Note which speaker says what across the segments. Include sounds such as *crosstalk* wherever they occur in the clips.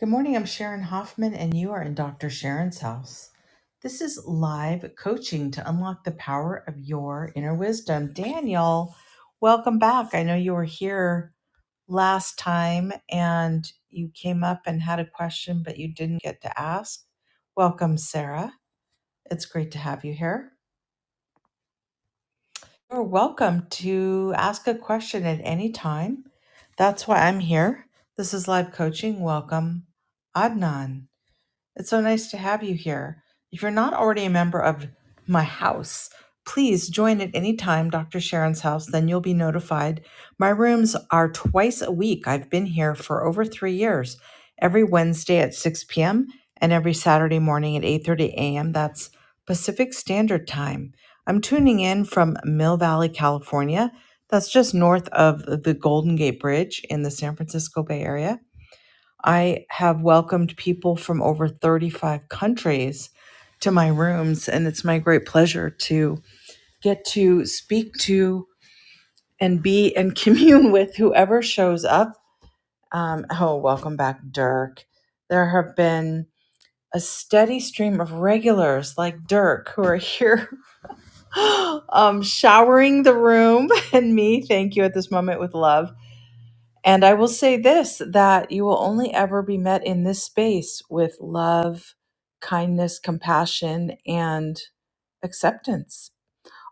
Speaker 1: Good morning. I'm Sharon Hoffman, and you are in Dr. Sharon's house. This is live coaching to unlock the power of your inner wisdom. Daniel, welcome back. I know you were here last time and you came up and had a question, but you didn't get to ask. Welcome, Sarah. It's great to have you here. You're welcome to ask a question at any time. That's why I'm here. This is live coaching. Welcome, Adnan. It's so nice to have you here. If you're not already a member of my house, please join at any time, Dr. Sharon's house, then you'll be notified. My rooms are twice a week. I've been here for over three years, every Wednesday at 6 p.m. and every Saturday morning at 8.30 a.m. That's Pacific Standard Time. I'm tuning in from Mill Valley, California. That's just north of the Golden Gate Bridge in the San Francisco Bay Area. I have welcomed people from over 35 countries to my rooms, and it's my great pleasure to get to speak to and be and *laughs* commune with whoever shows up. Um, oh, welcome back, Dirk. There have been a steady stream of regulars like Dirk who are *laughs* here *gasps* um, showering the room *laughs* and me, thank you, at this moment with love And I will say this that you will only ever be met in this space with love, kindness, compassion, and acceptance.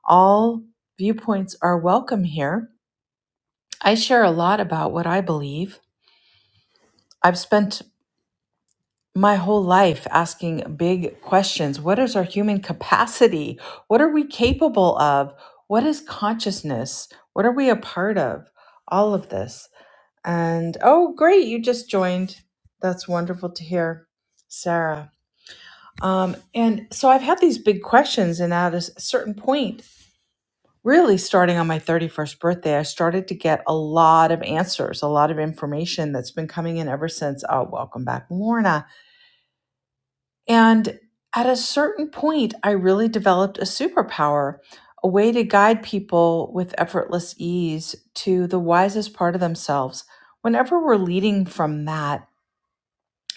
Speaker 1: All viewpoints are welcome here. I share a lot about what I believe. I've spent my whole life asking big questions. What is our human capacity? What are we capable of? What is consciousness? What are we a part of? All of this. And oh, great, you just joined. That's wonderful to hear, Sarah. Um, and so I've had these big questions, and at a s- certain point, really starting on my 31st birthday, I started to get a lot of answers, a lot of information that's been coming in ever since. Oh, welcome back, Lorna. And at a certain point, I really developed a superpower, a way to guide people with effortless ease to the wisest part of themselves. Whenever we're leading from that,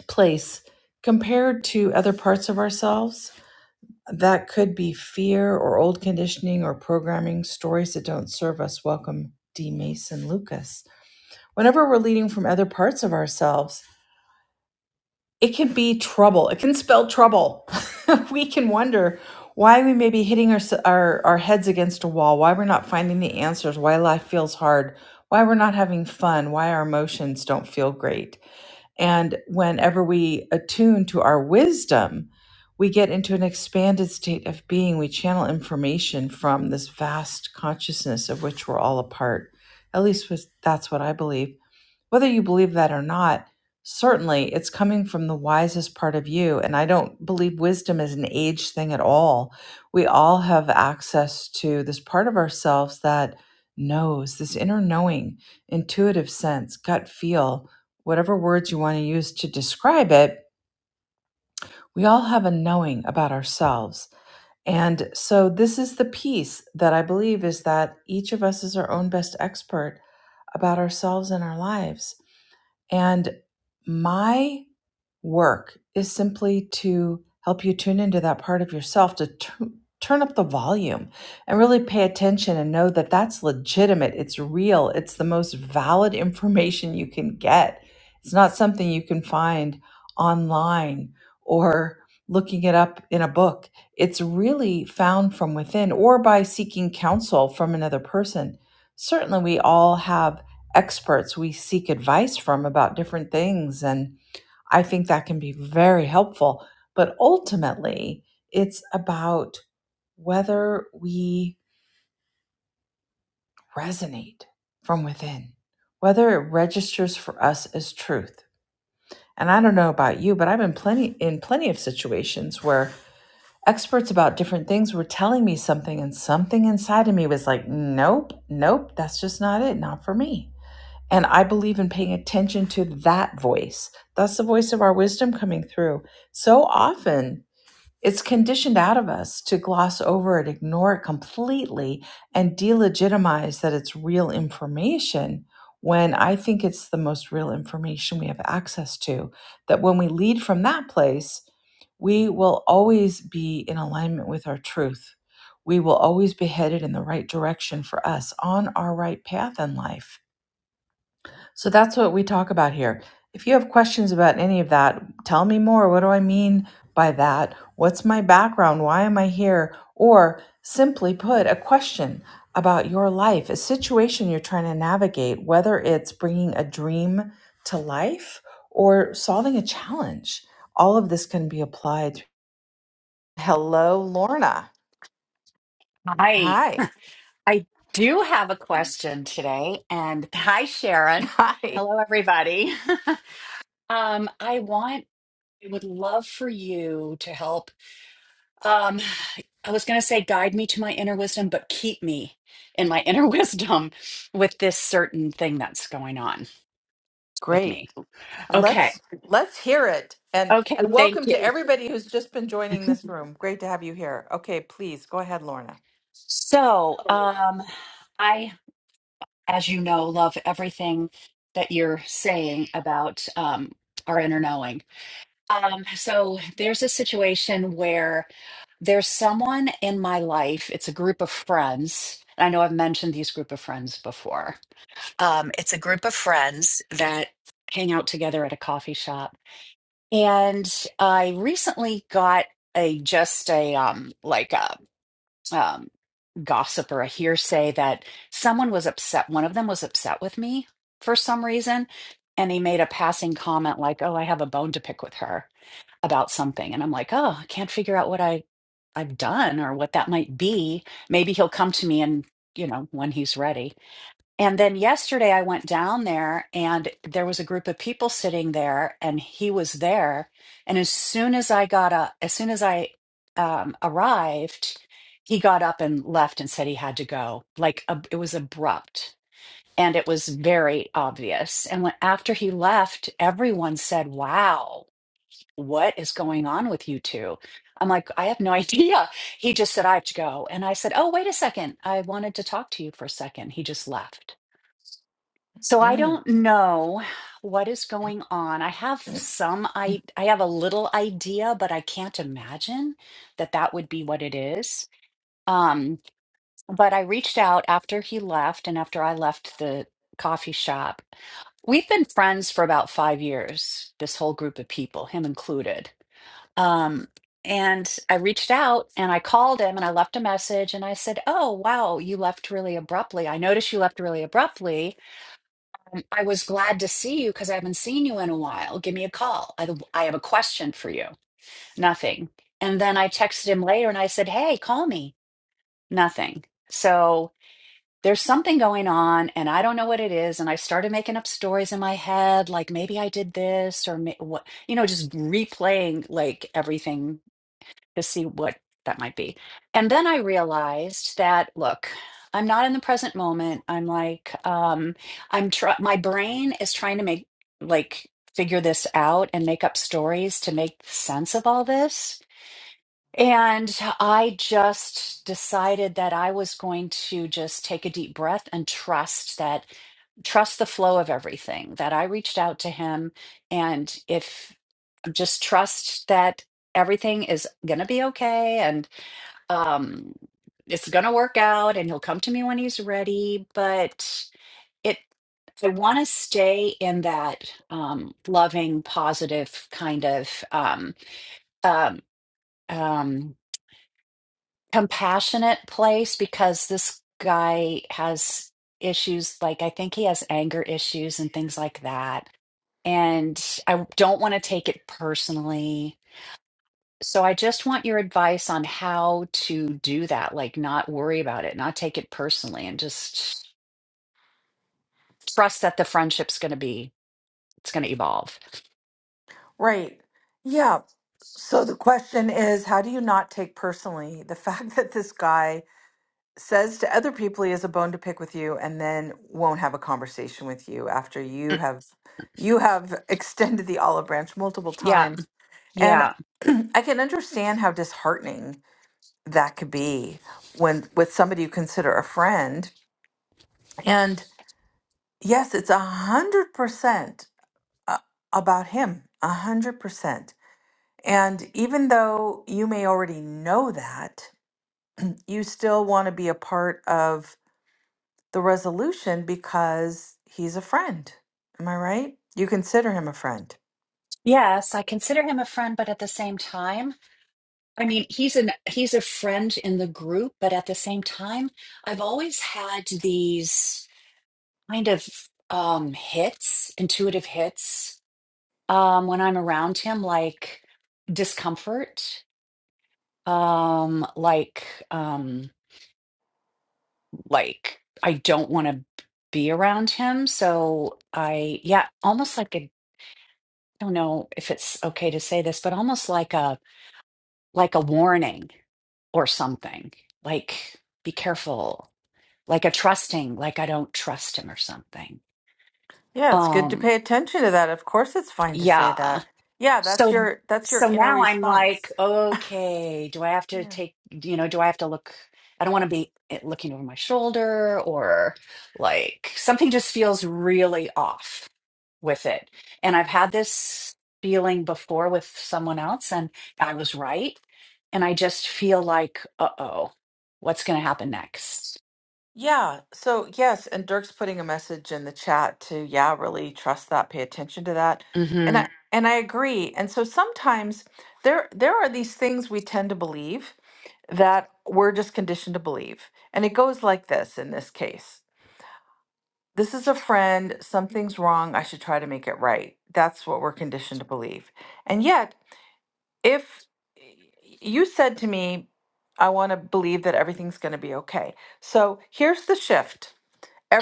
Speaker 1: place compared to other parts of ourselves. That could be fear or old conditioning or programming, stories that don't serve us. Welcome, D. Mason Lucas. Whenever we're leading from other parts of ourselves, it can be trouble. It can spell trouble. *laughs* we can wonder why we may be hitting our, our, our heads against a wall, why we're not finding the answers, why life feels hard, why we're not having fun, why our emotions don't feel great. And whenever we attune to our wisdom, we get into an expanded state of being. We channel information from this vast consciousness of which we're all a part. At least was- that's what I believe. Whether you believe that or not, Certainly, it's coming from the wisest part of you. And I don't believe wisdom is an age thing at all. We all have access to this part of ourselves that knows, this inner knowing, intuitive sense, gut feel, whatever words you want to use to describe it. We all have a knowing about ourselves. And so, this is the piece that I believe is that each of us is our own best expert about ourselves and our lives. And my work is simply to help you tune into that part of yourself to tu- turn up the volume and really pay attention and know that that's legitimate it's real it's the most valid *laughs* information you can get it's not something you can find online or looking it up in a book it's really found from within or by seeking counsel from another person certainly we all have experts we seek advice from about different things and. I think that can be very helpful. But ultimately, it's about whether we resonate from within, whether it registers for us as truth. And I don't know about you, but I've been plenty in plenty of situations where experts about different things were telling me something and something inside of me was like, nope, nope, that's just not it, not for me. And I believe in paying attention to that voice. That's the voice of our wisdom coming through. So often It's conditioned out of us to gloss over it, ignore it completely, and delegitimize that it's real information when I think it's the most real information we have access to. That when we lead from that place, we will always be in alignment with our truth. We will always be headed in the right direction for us on our right path in life so that's what we talk about here. If you have questions about any of that, tell me more. What do I mean by that? What's my background? Why am I here? Or simply put, a question about your life, a situation you're trying to navigate, whether it's bringing a dream to life or solving a challenge. All of this can be applied. Hello, Lorna.
Speaker 2: I
Speaker 1: Hi.
Speaker 2: I do have a question today, and *laughs* hi
Speaker 1: *laughs*
Speaker 2: Sharon.
Speaker 1: Hi.
Speaker 2: Hello everybody. *laughs* um, I want I would love for you to help. Um, I was going to say guide me to my inner wisdom, but keep me in my inner *laughs* wisdom with this certain thing that's going on with
Speaker 1: Great.
Speaker 2: me. Okay.
Speaker 1: Let's let's hear it. And
Speaker 2: Okay,
Speaker 1: and
Speaker 2: thank
Speaker 1: welcome
Speaker 2: you.
Speaker 1: to everybody who's just been joining this room. Great to have you here. Okay, please go ahead, Lorna.
Speaker 2: So, um I as you know love everything that you're saying about um our inner knowing Um, so there's a situation where there's someone in my life, it's a group of friends. and I know I've mentioned these group of friends before. Um, it's a group of friends that hang out together at a coffee shop. And I recently got a just a um like a um gossip or a hearsay that someone was upset, one of them was upset with me for some reason, and he made a passing comment like, "Oh, I have a bone to pick with her." about something and I'm like, "Oh, I can't figure out what I I've done or what that might be. Maybe he'll come to me and, you know, when he's ready." And then yesterday I went down there and there was a group of people sitting there and he was there and as soon as I got up, as soon as I um arrived, he got up and left and said he had to go. Like ab- it was abrupt and it was very obvious. And when after he left, everyone said, "Wow." what is going on with you two? I'm like, I have no *laughs* idea. He just said, I have to go. And I said, Oh, wait a second. I wanted to talk to you for a second. He just left. So I
Speaker 1: Mm,
Speaker 2: don't know what is going on. I have some I I have a little idea, but I can't imagine that that would be what it is. Um, but I reached out after he left and after I left the coffee shop. We've been friends for about 5 years, this whole group of people, him included. Um, and I reached out and I called him and I left a message and I said, Oh, wow, you left really abruptly. I noticed you left really abruptly. Um, I was glad to see you because I haven't seen you in a while. Give me a call. I, I have a question for you. Nothing. And then I texted him later and I said, Hey, call me. Nothing. So there's something going on and I don't know what it is. And I started making up stories in my head, like maybe I did this or ma- what, you know, just replaying like everything to see what that might be. And then I realized that, look, I'm not in the present moment. I'm like, um, I'm try my brain is trying to make like figure this out and make up stories to make sense of all this. And I just decided that I was going to just take a deep breath and trust that trust the flow of everything that I reached out to him. And if just trust that everything is going to be okay and um it's going to work out and he'll come to me when he's ready but it i want to stay in that um loving positive kind of um um um compassionate place because this guy has issues like i think he has anger issues and things like that and i don't want to take it personally So I just want your advice on how to do that, like not worry about it, not take it personally, and just trust that the friendship's going to be, it's going to evolve.
Speaker 1: right. Yeah. So the question is, how do you not take personally the *laughs* fact that this guy says to other people he has a bone to pick with you and then won't have a conversation with you after you
Speaker 2: Mm,
Speaker 1: have you have *laughs* extended the olive branch multiple
Speaker 2: Yeah.
Speaker 1: times. And
Speaker 2: Yeah.
Speaker 1: *clears throat* I can understand how disheartening that could be when with somebody you consider a friend. And yes, it's a hundred percent uh, about him, a hundred percent. And even though you may already know that, you still want to be a part of the resolution because he's a friend. Am I right? You consider him a friend.
Speaker 2: Yes, I consider him a friend, but at the same time, I mean, he's an he's a friend in the group, but at the same time, I've always had these kind of um hits, intuitive hits, um when I'm around him like discomfort um like um like I don't want to be around him so I yeah almost like a I don't know if it's okay to say this but almost like a like a warning or something like be careful like a trusting like I don't trust him or something
Speaker 1: Yeah, it's good to
Speaker 2: um
Speaker 1: pay attention to that. Of course it's fine to say
Speaker 2: yeah
Speaker 1: that. Yeah, that's
Speaker 2: So
Speaker 1: your that's your
Speaker 2: so
Speaker 1: inner
Speaker 2: now I'm like,
Speaker 1: response.
Speaker 2: okay, do I have to take, you know, do I have to look? I don't want to be eh, looking over my shoulder or like something just feels really off with it. And I've had this feeling before with someone else and I was right. And I just feel like, uh-oh, what's going to happen next?
Speaker 1: Yeah. So, yes, and Dirk's putting a message in the chat to, yeah, really trust that, pay attention to that. And
Speaker 2: hmm
Speaker 1: I and I agree. And so sometimes there there are these things we tend to believe that we're just conditioned to believe. And it goes like this in this case. This is a friend, something's wrong, I should try to make it right. That's what we're conditioned to believe. And yet, if y- you said to me, I want to believe that everything's going to be okay. So, here's the shift.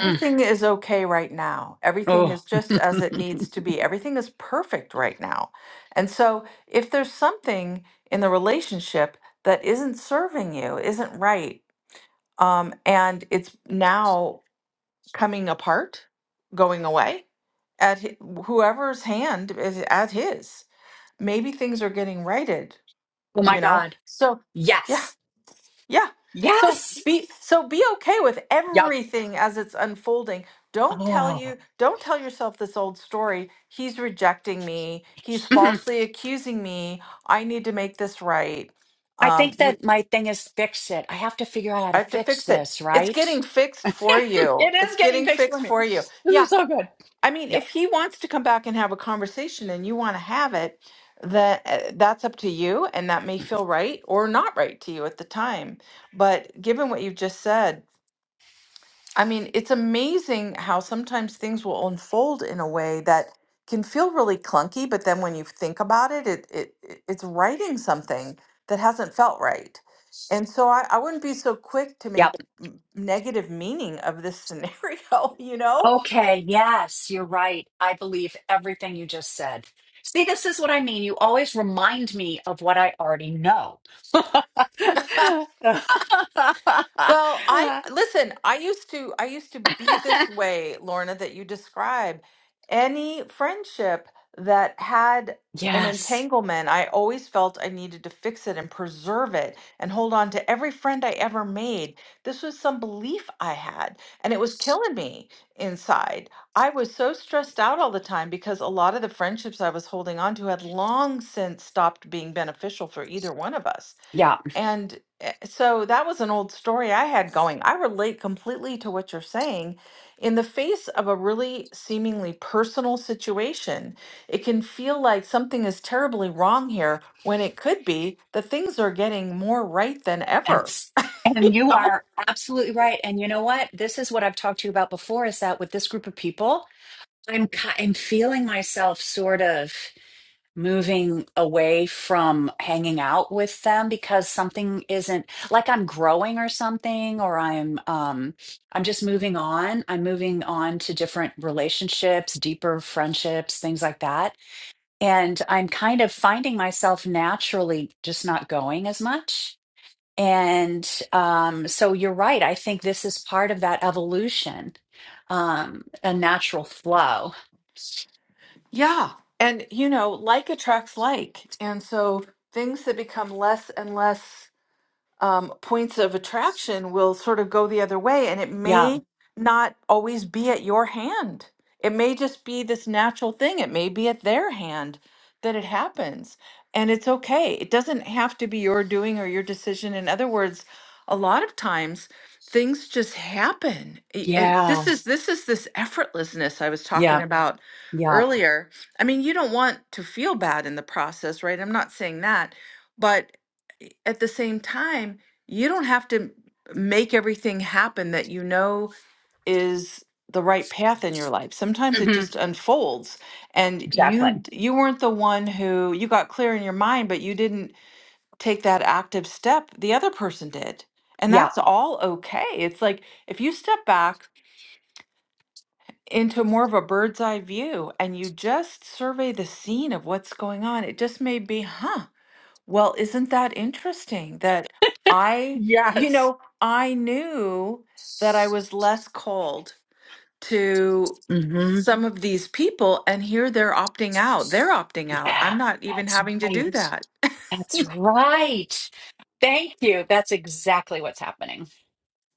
Speaker 2: Mm.
Speaker 1: is okay right now. Everything
Speaker 2: Oh.
Speaker 1: is
Speaker 2: *laughs*
Speaker 1: just as it needs
Speaker 2: oh
Speaker 1: to be. Everything is perfect right now. And so, if there's something in the relationship that isn't serving you, isn't right, um, and it's now coming apart, going away, at hi- whoever's hand is at his, maybe things are getting righted,
Speaker 2: my
Speaker 1: you know?
Speaker 2: God.
Speaker 1: So, yeah,
Speaker 2: Yes.
Speaker 1: yeah. So
Speaker 2: Yes.
Speaker 1: be so be okay with
Speaker 2: Yep.
Speaker 1: everything as it's unfolding. Don't tell
Speaker 2: Oh.
Speaker 1: you don't tell yourself this old story. He's rejecting me. He's
Speaker 2: Mm-hmm.
Speaker 1: falsely accusing me. I need to make this right.
Speaker 2: I
Speaker 1: Um
Speaker 2: think
Speaker 1: we,
Speaker 2: that my thing is fix it. I have to figure out how to
Speaker 1: I have to
Speaker 2: fix
Speaker 1: fix it.
Speaker 2: this,
Speaker 1: It's
Speaker 2: right?
Speaker 1: getting
Speaker 2: *laughs*
Speaker 1: fixed
Speaker 2: it
Speaker 1: for you.
Speaker 2: is
Speaker 1: It's
Speaker 2: getting
Speaker 1: getting
Speaker 2: fixed for
Speaker 1: fixed
Speaker 2: me.
Speaker 1: for you.
Speaker 2: This is
Speaker 1: Yeah.
Speaker 2: so good.
Speaker 1: I mean,
Speaker 2: Yep.
Speaker 1: if he wants to come back and have a conversation and you want to have it, that uh, that's up to you and that may feel right or not right to you at the time. But given what you've just said, I mean, it's amazing how sometimes things will unfold in a way that can feel really clunky, but then when you think about it, it, it it- it's writing something that hasn't felt right. And so I, I wouldn't be so quick to
Speaker 2: Yep.
Speaker 1: make m- negative meaning of this scenario, *laughs* you know?
Speaker 2: Okay. Yes, you're right. I believe everything you just said. See, this is what I mean. You always remind me of what I already know. *laughs*
Speaker 1: Well, I listen, I used to I used to be this way, Lorna, that you describe. Any friendship that had an
Speaker 2: yes.
Speaker 1: entanglement, I always felt I needed to fix it and preserve it and hold on to every friend I ever made. This was some belief I had, and it was killing me inside. I was so stressed out all the time because a lot of the friendships I was holding on to had long since stopped being beneficial for either one of us
Speaker 2: Yeah.
Speaker 1: and eh, so that was an old story I had going. I relate completely to what you're saying. In the face of a really seemingly personal situation, it can feel like something is terribly wrong here when it could be that things are getting more right than ever.
Speaker 2: That's, and you
Speaker 1: Oh,
Speaker 2: are absolutely right. And you know what? This is what I've talked to you about before is that with this group of people, I'm ki- I'm feeling myself sort of moving away from hanging out with them because something isn't like I'm growing or something or I'm um I'm just moving on. I'm moving on to different relationships, deeper friendships, things like that. And I'm kind of finding myself naturally just not going as much. And um so you're right. I think this is part of that evolution. Um a natural flow.
Speaker 1: Yeah. And, you know, like attracts like. And so things that become less and less um, points of attraction will sort of go the other way, and it
Speaker 2: Yeah.
Speaker 1: may not always be at your hand. It may just be this natural thing. It may be at their hand that it happens, and it's okay. It doesn't have to be your doing or your decision. In other words, a lot of times things just happen, A- and
Speaker 2: Yeah.
Speaker 1: this is this is this effortlessness I was talking
Speaker 2: Yeah.
Speaker 1: about
Speaker 2: Yeah.
Speaker 1: earlier. I mean, you don't want to feel bad in the process, right? I'm not saying that, but at the same time, you don't have to make everything happen that you know is the right path in your life. Sometimes it
Speaker 2: hmm
Speaker 1: just unfolds and Yeah. you
Speaker 2: Exactly.
Speaker 1: d- you weren't the one who you got clear in your mind but you didn't take that active step. The other person did. And
Speaker 2: Yeah.
Speaker 1: that's all okay. It's like if you step back into more of a bird's eye view and you just survey the scene of what's going on, it just may be, huh, well, isn't that interesting that I, you
Speaker 2: Yes.
Speaker 1: know, I knew that I was less called to
Speaker 2: hmm
Speaker 1: some of these people, and here they're opting out. They're opting out.
Speaker 2: Yeah.
Speaker 1: I'm not even
Speaker 2: That's
Speaker 1: having to do
Speaker 2: right.
Speaker 1: that. *laughs*
Speaker 2: That's right. Thank you. That's exactly what's happening.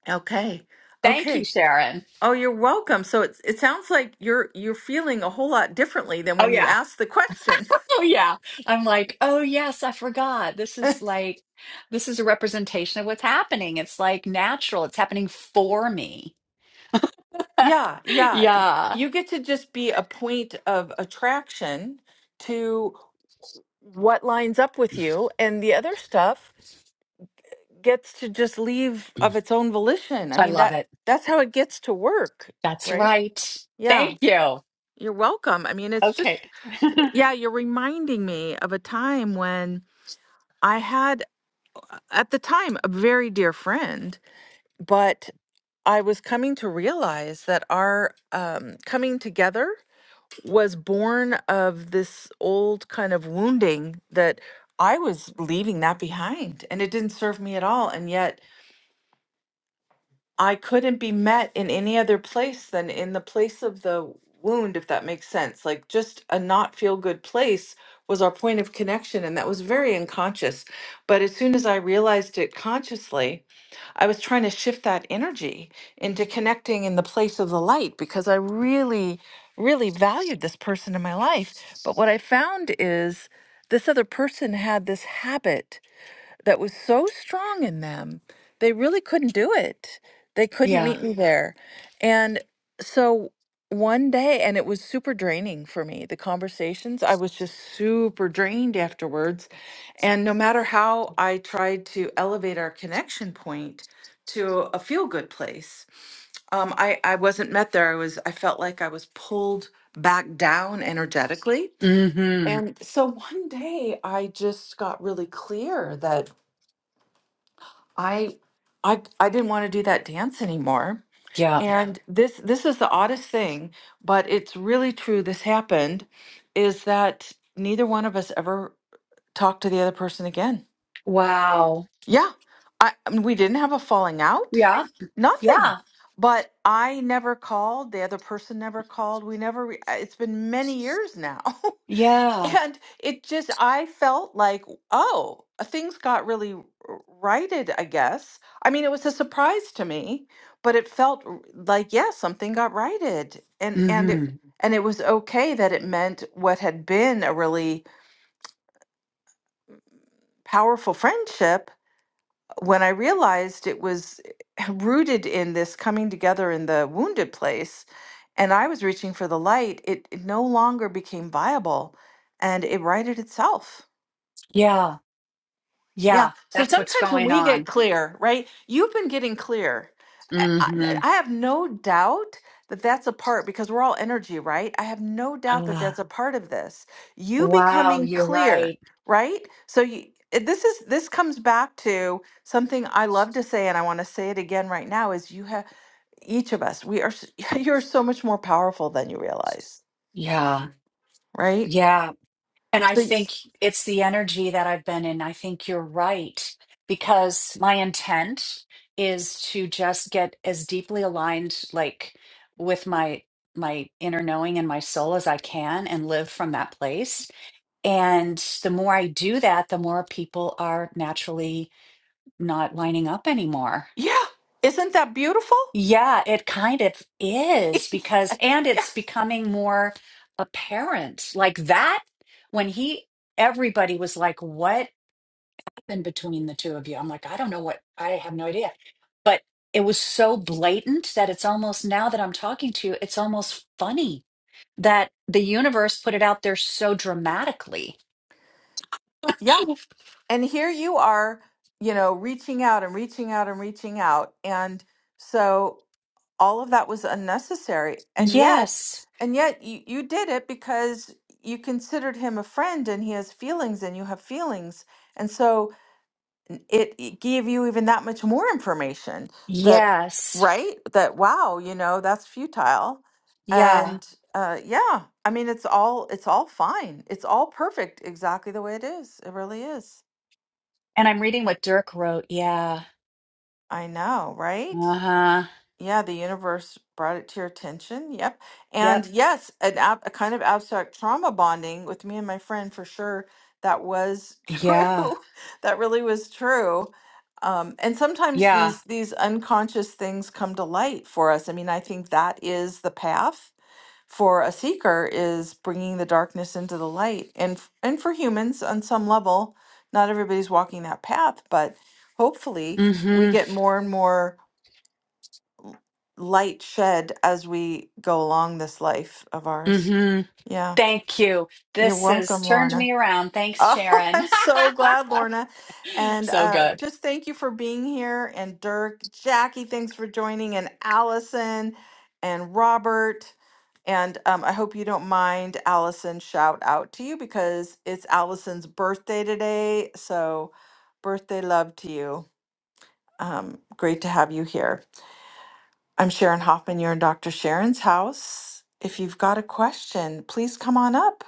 Speaker 1: Okay.
Speaker 2: Thank you,
Speaker 1: Okay.
Speaker 2: Sharon.
Speaker 1: Oh, you're welcome. So it it sounds like you're you're feeling a whole lot differently than
Speaker 2: Oh,
Speaker 1: when you
Speaker 2: yeah.
Speaker 1: asked the question.
Speaker 2: Oh, yeah. I'm like, oh, yes, I forgot. This is like, this is a representation of what's happening. It's like natural, it's happening for me.
Speaker 1: Yeah,
Speaker 2: *laughs*
Speaker 1: yeah. Y-
Speaker 2: Yeah.
Speaker 1: You get to just be a point of attraction to what lines up with you, and the other stuff gets to just leave of its own volition. I
Speaker 2: I
Speaker 1: mean,
Speaker 2: love
Speaker 1: that
Speaker 2: it.
Speaker 1: that's how it gets to work,
Speaker 2: That's
Speaker 1: right?
Speaker 2: right.
Speaker 1: Yeah.
Speaker 2: Thank you.
Speaker 1: You're welcome. I mean, it's
Speaker 2: Okay.
Speaker 1: just yeah, you're reminding me of a time when I had uh, at the time a very dear friend, but I was coming to realize that our um, coming together was born of this old kind of wounding that I was leaving that behind and it didn't serve me at all. And yet I couldn't be met in any other place than in the place of the wound, if that makes sense. Like just a not feel good place was our point of connection. And that was very unconscious. But as soon as I realized it consciously, I was trying to shift that energy into connecting in the place of the light because I really, really valued this person in my life. But what I found is this other person had this habit that was so strong in them, they really couldn't do it. They
Speaker 2: *laughs*
Speaker 1: couldn't
Speaker 2: yeah.
Speaker 1: meet me there. And so one day, and it was super draining for me, the conversations, I was just super drained afterwards. And no matter how I tried to elevate our connection point, to a feel good place. Um, I, I wasn't met there. I was I felt like I was pulled back down energetically.
Speaker 2: Mm-hmm.
Speaker 1: And so one day I just got really clear that I I I didn't want to do that dance anymore.
Speaker 2: Yeah.
Speaker 1: And this this is the oddest thing, but it's really true. This happened is that neither one of us ever talked to the other person again.
Speaker 2: Wow.
Speaker 1: Yeah. I, I mean, we didn't have a falling out.
Speaker 2: Yeah. Yeah.
Speaker 1: Nothing. But I never called, the other person never called. We never re- I- it's been many years now. *laughs*
Speaker 2: Yeah.
Speaker 1: And it just, I felt like, oh, things got really r- righted, I guess. I mean, it was a surprise to me, but it felt r- like, yeah, something got righted. And and it
Speaker 2: Mm-hmm.
Speaker 1: and it was okay that it meant what had been a really powerful friendship when I realized it was *laughs* rooted in this coming together in the wounded place and I was reaching for the light, it, it no longer became viable and it righted itself.
Speaker 2: Yeah.
Speaker 1: Yeah.
Speaker 2: Yeah.
Speaker 1: So
Speaker 2: That's what's
Speaker 1: sometimes when
Speaker 2: going
Speaker 1: we get
Speaker 2: on.
Speaker 1: clear, right? You've been getting clear. I, I
Speaker 2: Mm-hmm.
Speaker 1: I have no doubt that that's a part because we're all energy, right? I have no doubt that
Speaker 2: Ah,
Speaker 1: that's a part of this. You
Speaker 2: wow.
Speaker 1: becoming
Speaker 2: You're
Speaker 1: clear,
Speaker 2: right.
Speaker 1: right? So you, it- this is this comes back to something I love to say, and I want to say it again right now: is you have each of us, we are s- *laughs* you're so much more powerful than you realize,
Speaker 2: Yeah.
Speaker 1: right?
Speaker 2: Yeah. And I
Speaker 1: So
Speaker 2: think it's the energy that I've been in. I think you're right because my intent is to just get as deeply aligned, like with my my inner knowing and my soul as I can and live from that place And the more I do that, the more people are naturally not lining up anymore.
Speaker 1: yeah, isn't that beautiful?
Speaker 2: Yeah, it kind of is
Speaker 1: *laughs*
Speaker 2: because, and
Speaker 1: yeah.
Speaker 2: it's becoming more apparent. Like that, when he, everybody was like, what happened between the two of you? I'm like, I don't know what, I have no idea. But it was so blatant that it's almost, now that I'm talking to you, it's almost funny that the universe put it out there so dramatically.
Speaker 1: Yeah.
Speaker 2: *gasps* *laughs*
Speaker 1: and here you are you know reaching out and reaching out and reaching out and so all of that was unnecessary and yet
Speaker 2: Yes.
Speaker 1: and yet you, you did it because you considered him a friend and he has feelings and you have feelings and so n- it, it gave you even that much more information that Yeah.
Speaker 2: Yes.
Speaker 1: right that wow you know that's futile Yeah.
Speaker 2: Yeah.
Speaker 1: and uh, yeah i mean it's all it's all fine it's all perfect exactly the way it is it really is
Speaker 2: And I'm reading what Dirk wrote. Yeah.
Speaker 1: I know, right?
Speaker 2: Uh-huh.
Speaker 1: Yeah, the universe brought it to your attention. Yep. And
Speaker 2: Yep.
Speaker 1: yes, an ab a kind of abstract trauma bonding with me and my friend for sure. That was *laughs*
Speaker 2: Yeah.
Speaker 1: true. That really was true. Um, and sometimes
Speaker 2: Yeah.
Speaker 1: these these unconscious things come to light for us. I mean, I think that is the path for a seeker is bringing the darkness into the light. And f- and for humans on some level, not everybody's walking that path, but hopefully we
Speaker 2: Mm-hmm.
Speaker 1: get more and more light shed as we go along this life of ours.
Speaker 2: Mm-hmm.
Speaker 1: Yeah.
Speaker 2: Thank you.
Speaker 1: You're
Speaker 2: This has
Speaker 1: welcome,
Speaker 2: turned me
Speaker 1: Lorna.
Speaker 2: around. Thanks,
Speaker 1: Oh, *laughs*
Speaker 2: Sharon.
Speaker 1: I'm
Speaker 2: *laughs*
Speaker 1: so glad, Lorna. And
Speaker 2: So
Speaker 1: uh,
Speaker 2: good.
Speaker 1: just thank you for being here. And Dirk, Jackie, thanks for joining. And Allison and Robert. And um, I hope you don't mind, Allison, shout out to you because it's Allison's birthday today. So, birthday love to you. Um, great to have you here. I'm Sharon Hoffman. You're in Dr. Sharon's house. If you've got a question, please come on up.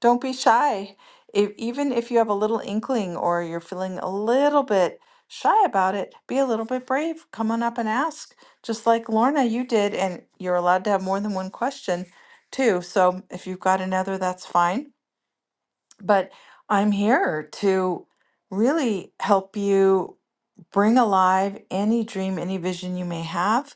Speaker 1: Don't be shy. If, even if you have a little inkling or you're feeling a little bit shy about it, be a little bit brave. Come on up and ask, just like Lorna, you did. And you're allowed to have more than one question, too. So if you've got another, that's fine. But I'm here to really help you bring alive any dream, any vision you may have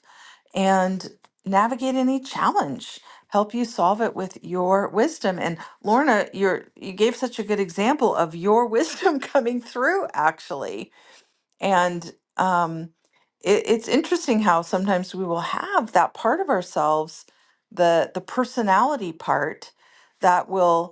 Speaker 1: and navigate any challenge help you solve it with your wisdom and lorna you're you gave such a good example of your wisdom *laughs* coming through actually and um it, it's interesting how sometimes we will have that part of ourselves the the personality part that will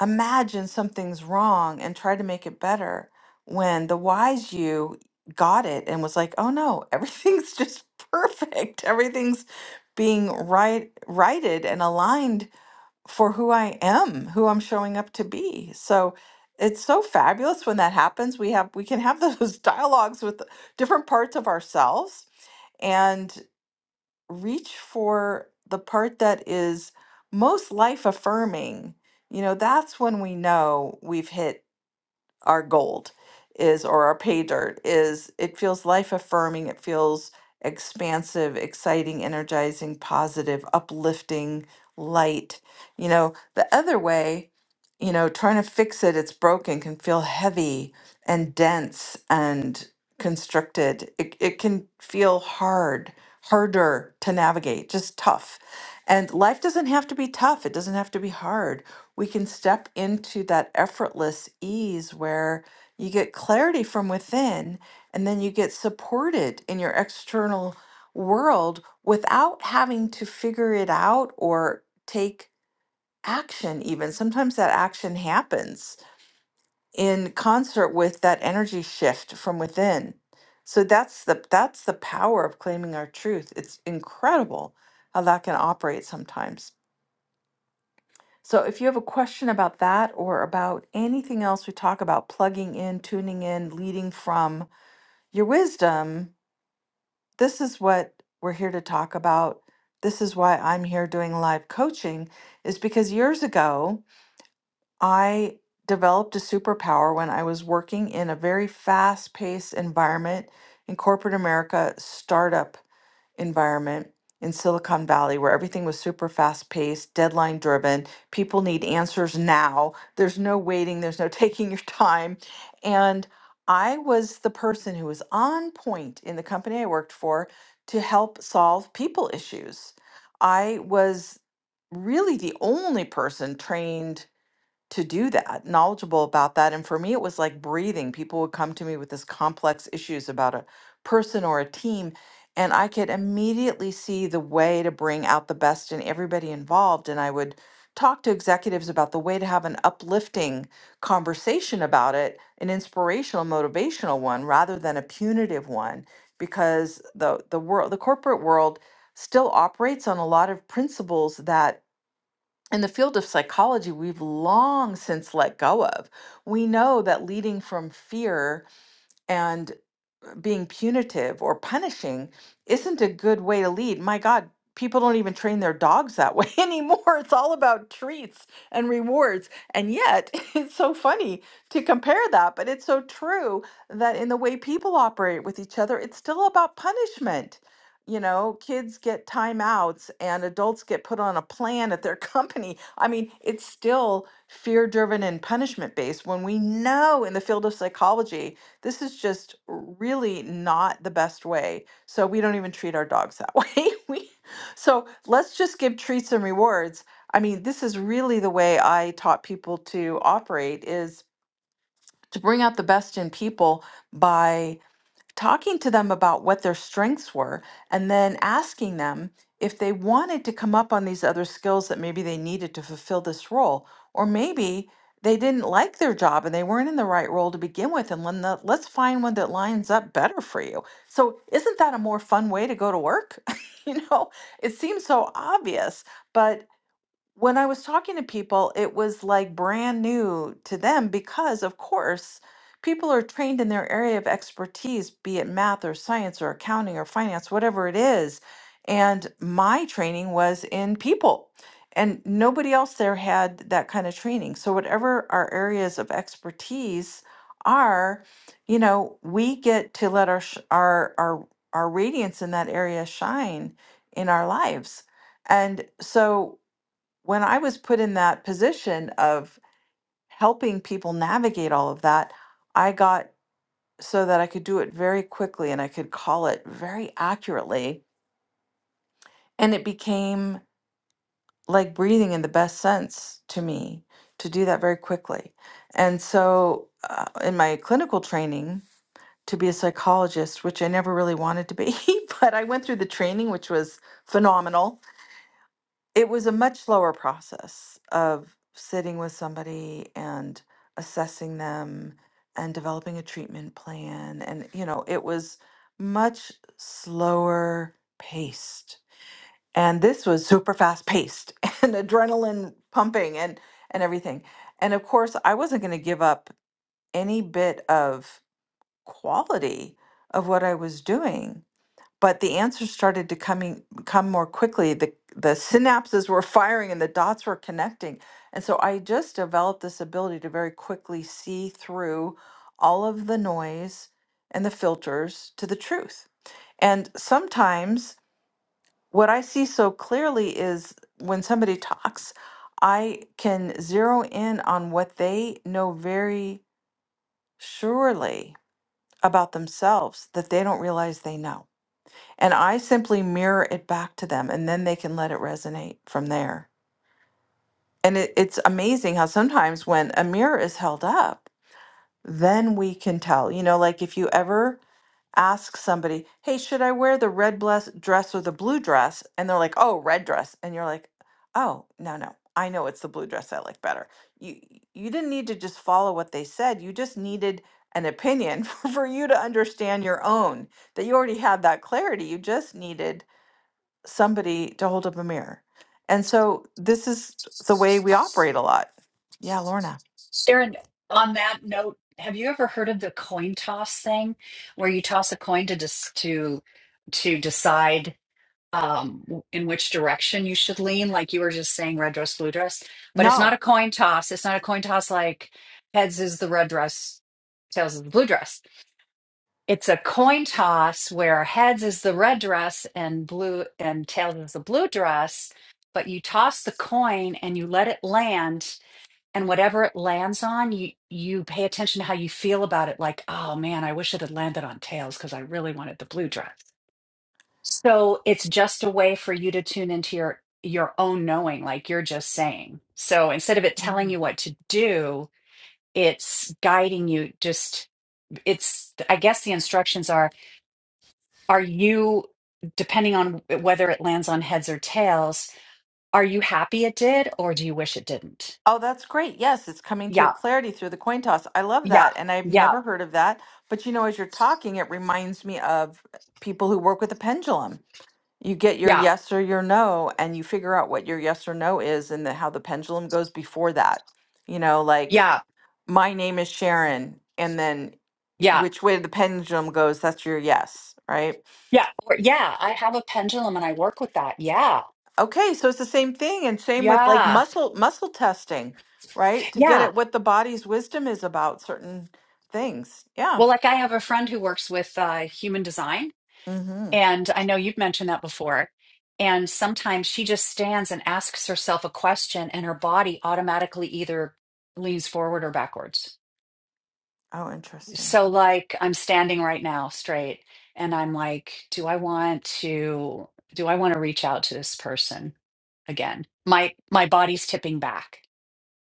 Speaker 1: imagine something's wrong and try to make it better when the wise you got it and was like, oh no, everything's *laughs* just perfect. Everything's being right righted and aligned for who I am, who I'm showing up to be. So it's so fabulous when that happens. We have we can have those *laughs* dialogues with different parts of ourselves. and reach for the part that is most life affirming, you know, that's when we know we've hit our gold is or our pay dirt is it feels life affirming it feels expansive exciting energizing positive uplifting light you know the other way you know trying to fix it it's broken can feel heavy and dense and constricted it, it can feel hard harder to navigate just tough and life doesn't have to be tough it doesn't have to be hard we can step into that effortless ease where you get clarity from within and then you get supported in your external world without having to figure it out or take action even sometimes that action happens in concert with that energy shift from within so that's the that's the power of claiming our truth it's incredible how that can operate sometimes so if you have a question about that or about anything else we talk about, plugging in, tuning in, leading from your wisdom, this is what we're here to talk about. This is why I'm here doing live coaching, is because years ago, I developed a superpower when I was working in a very fast paced environment in corporate America, startup environment in Silicon Valley, where everything was super fast paced, deadline driven. People need answers now. There's no waiting, there's no *laughs* taking your time. And I was the person who was on point in the company I worked for to help solve people issues. I was really the only person trained to do that, knowledgeable about that. And for me, it was like breathing. People would come to me with this complex issues about a person or a team, and I could immediately see the way to bring out the best in everybody involved. And I would talk to executives about the way to have an uplifting conversation about it, an inspirational, motivational one rather than a punitive one, because the the world, the corporate world still operates on a lot of principles that in the field of psychology, we've long since let go of. We know that leading from fear and being punitive or punishing isn't a good way to lead. My God, people don't even train their dogs that way *laughs* anymore. It's all about treats and rewards. And yet, *laughs* it's so funny to compare that, but it's so true that in the way people operate with each other, it's still about punishment. You know, kids get timeouts and adults get put on a plan at their *laughs* company. I mean, it's still fear driven and punishment based when we know in the field of psychology this is just really not the best way. So we don't even treat our dogs that *laughs* way. we so let's just give treats and rewards. I mean, this is really the way I taught people to operate is to bring out the best in people by talking to them about what their strengths were and then asking them if they wanted to come up on these other skills that maybe they needed to fulfill this role or maybe they didn't like their job and they weren't in the right role to begin with and let- let- let's find one that lines up better for you so isn't that a more fun way to go to work *laughs* you know it seems so obvious but when I was talking to people, it was like brand new to them because, of course, people are trained in their area of expertise, be it math or science or accounting or finance, whatever it is. And my training was in people, and nobody else there had that kind of training. So, whatever our areas of expertise are, you know, we get to let our sh- our our our radiance in that area shine in our lives. And so when I was put in that position of helping people navigate all of that, I got so that I could do it very quickly and I could call it very accurately. And it became like breathing in the best sense to me to do that very quickly. And so, uh, in my clinical training, to be a psychologist, which I never really wanted to be, *laughs* but I went through the training, which was phenomenal it was a much slower process of sitting with somebody and assessing them and developing a treatment plan and you know it was much slower paced and this was super fast paced *laughs* and adrenaline pumping and and everything and of course i wasn't going to give up any bit of quality of what i was doing but the answers started to coming come more quickly the the synapses were *laughs* firing and the dots were connecting and so i just developed this ability to very quickly see through all of the noise and the filters to the truth and sometimes what i see so clearly is when somebody talks i can zero in on what they know very surely about themselves that they don't realize they know and I simply mirror it back to them and then they can let it resonate from there. And it, it's amazing how sometimes when a mirror is held up, then we can tell. You know, like if you ever ask somebody, hey, should I wear the red bless- dress or the blue dress? And they're like, oh, red dress. And you're like, oh, no, no. I know it's the blue dress I like better. You you didn't need to just follow what they said. You just needed an opinion *laughs* for you to understand your own. That you already had that clarity. You just needed somebody to hold up a mirror. And so this is the way we operate a lot. Yeah, Lorna.
Speaker 2: Sharon, on that note, have you ever heard of the coin toss thing where you toss a coin to dis to to decide? um w- in which direction you should lean like you were just saying red dress blue dress but it's not
Speaker 1: No.
Speaker 2: a coin toss it's not a coin toss like heads is the red dress tails is the blue dress it's a coin toss where heads is the red dress and blue and tails is the blue dress but you toss the coin and you let it land and whatever it lands on you you pay attention to how you feel about it like oh man i wish it had landed on tails because i really wanted the blue dress so it's just a way for you to tune into your your own knowing, like you're just saying. So instead of it telling
Speaker 1: Mm.
Speaker 2: you what to do, it's guiding you just it's I guess the instructions are are you depending on whether it lands on heads or tails, are you happy it did or do you wish it didn't?
Speaker 1: Oh, that's great. Yes, it's coming to your
Speaker 2: Yeah.
Speaker 1: clarity through the coin toss. I love
Speaker 2: Yeah.
Speaker 1: that. And I've
Speaker 2: Yeah.
Speaker 1: never heard of that. But you know, as you're talking, it reminds me of people who work with a pendulum. You get your
Speaker 2: Yeah.
Speaker 1: yes or your no, and you figure out what your yes or no is and the, how the pendulum goes before that. You know, like
Speaker 2: Yeah.
Speaker 1: my name is Sharon, and then
Speaker 2: Yeah.
Speaker 1: which way the pendulum goes, that's your yes, right?
Speaker 2: Yeah. Or yeah, I have a pendulum and I work with that. Yeah.
Speaker 1: Okay, so it's the same thing, and same with like
Speaker 2: Yeah.
Speaker 1: muscle muscle testing, right? To get
Speaker 2: Yeah.
Speaker 1: at what the body's wisdom is about certain things. Yeah.
Speaker 2: Well, like I have a friend who works with uh, human design,
Speaker 1: Mm-hmm.
Speaker 2: and I know you've mentioned that before. And sometimes she just stands and asks herself a question, and her body automatically either leans forward or backwards.
Speaker 1: Oh, interesting.
Speaker 2: So, like, I'm standing right now straight, and I'm like, do I want to do I want to reach out to this person again? My my body's tipping back,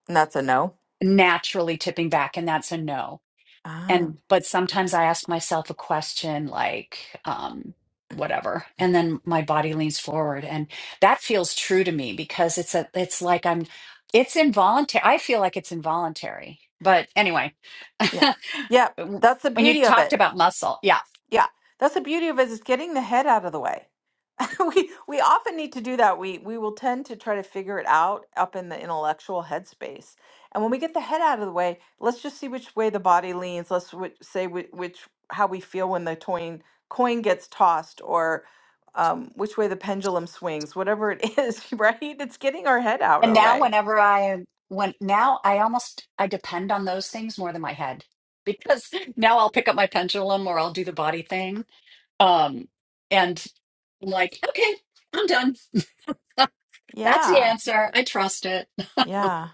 Speaker 1: And that's a no.
Speaker 2: naturally tipping back, and that's a no
Speaker 1: Ah,
Speaker 2: and but sometimes i ask myself a question like um whatever and then my body leans forward and that feels true to me because it's a it's like i'm it's involuntary i feel like it's involuntary but anyway *laughs*
Speaker 1: yeah, yeah.
Speaker 2: when
Speaker 1: That's the
Speaker 2: you
Speaker 1: beauty of
Speaker 2: talked
Speaker 1: it.
Speaker 2: about muscle yeah
Speaker 1: Yeah, that's the beauty of it is getting the head out of the way. *laughs* we we often need to do that we we will tend to try to figure it out up in the intellectual headspace and when we get the head out of the way let's just see which way the body leans let's whi- say which, which how we feel when the coin coin gets tossed or um, which way the pendulum swings whatever it *laughs* is right it's getting our head out of
Speaker 2: and
Speaker 1: the
Speaker 2: now
Speaker 1: way
Speaker 2: whenever i am when now i almost i depend on those things more than my head because *laughs* now i'll pick up my pendulum or i'll do the body thing um and I'm like okay i'm done That's the
Speaker 1: yeah
Speaker 2: answer. I trust it.
Speaker 1: yeah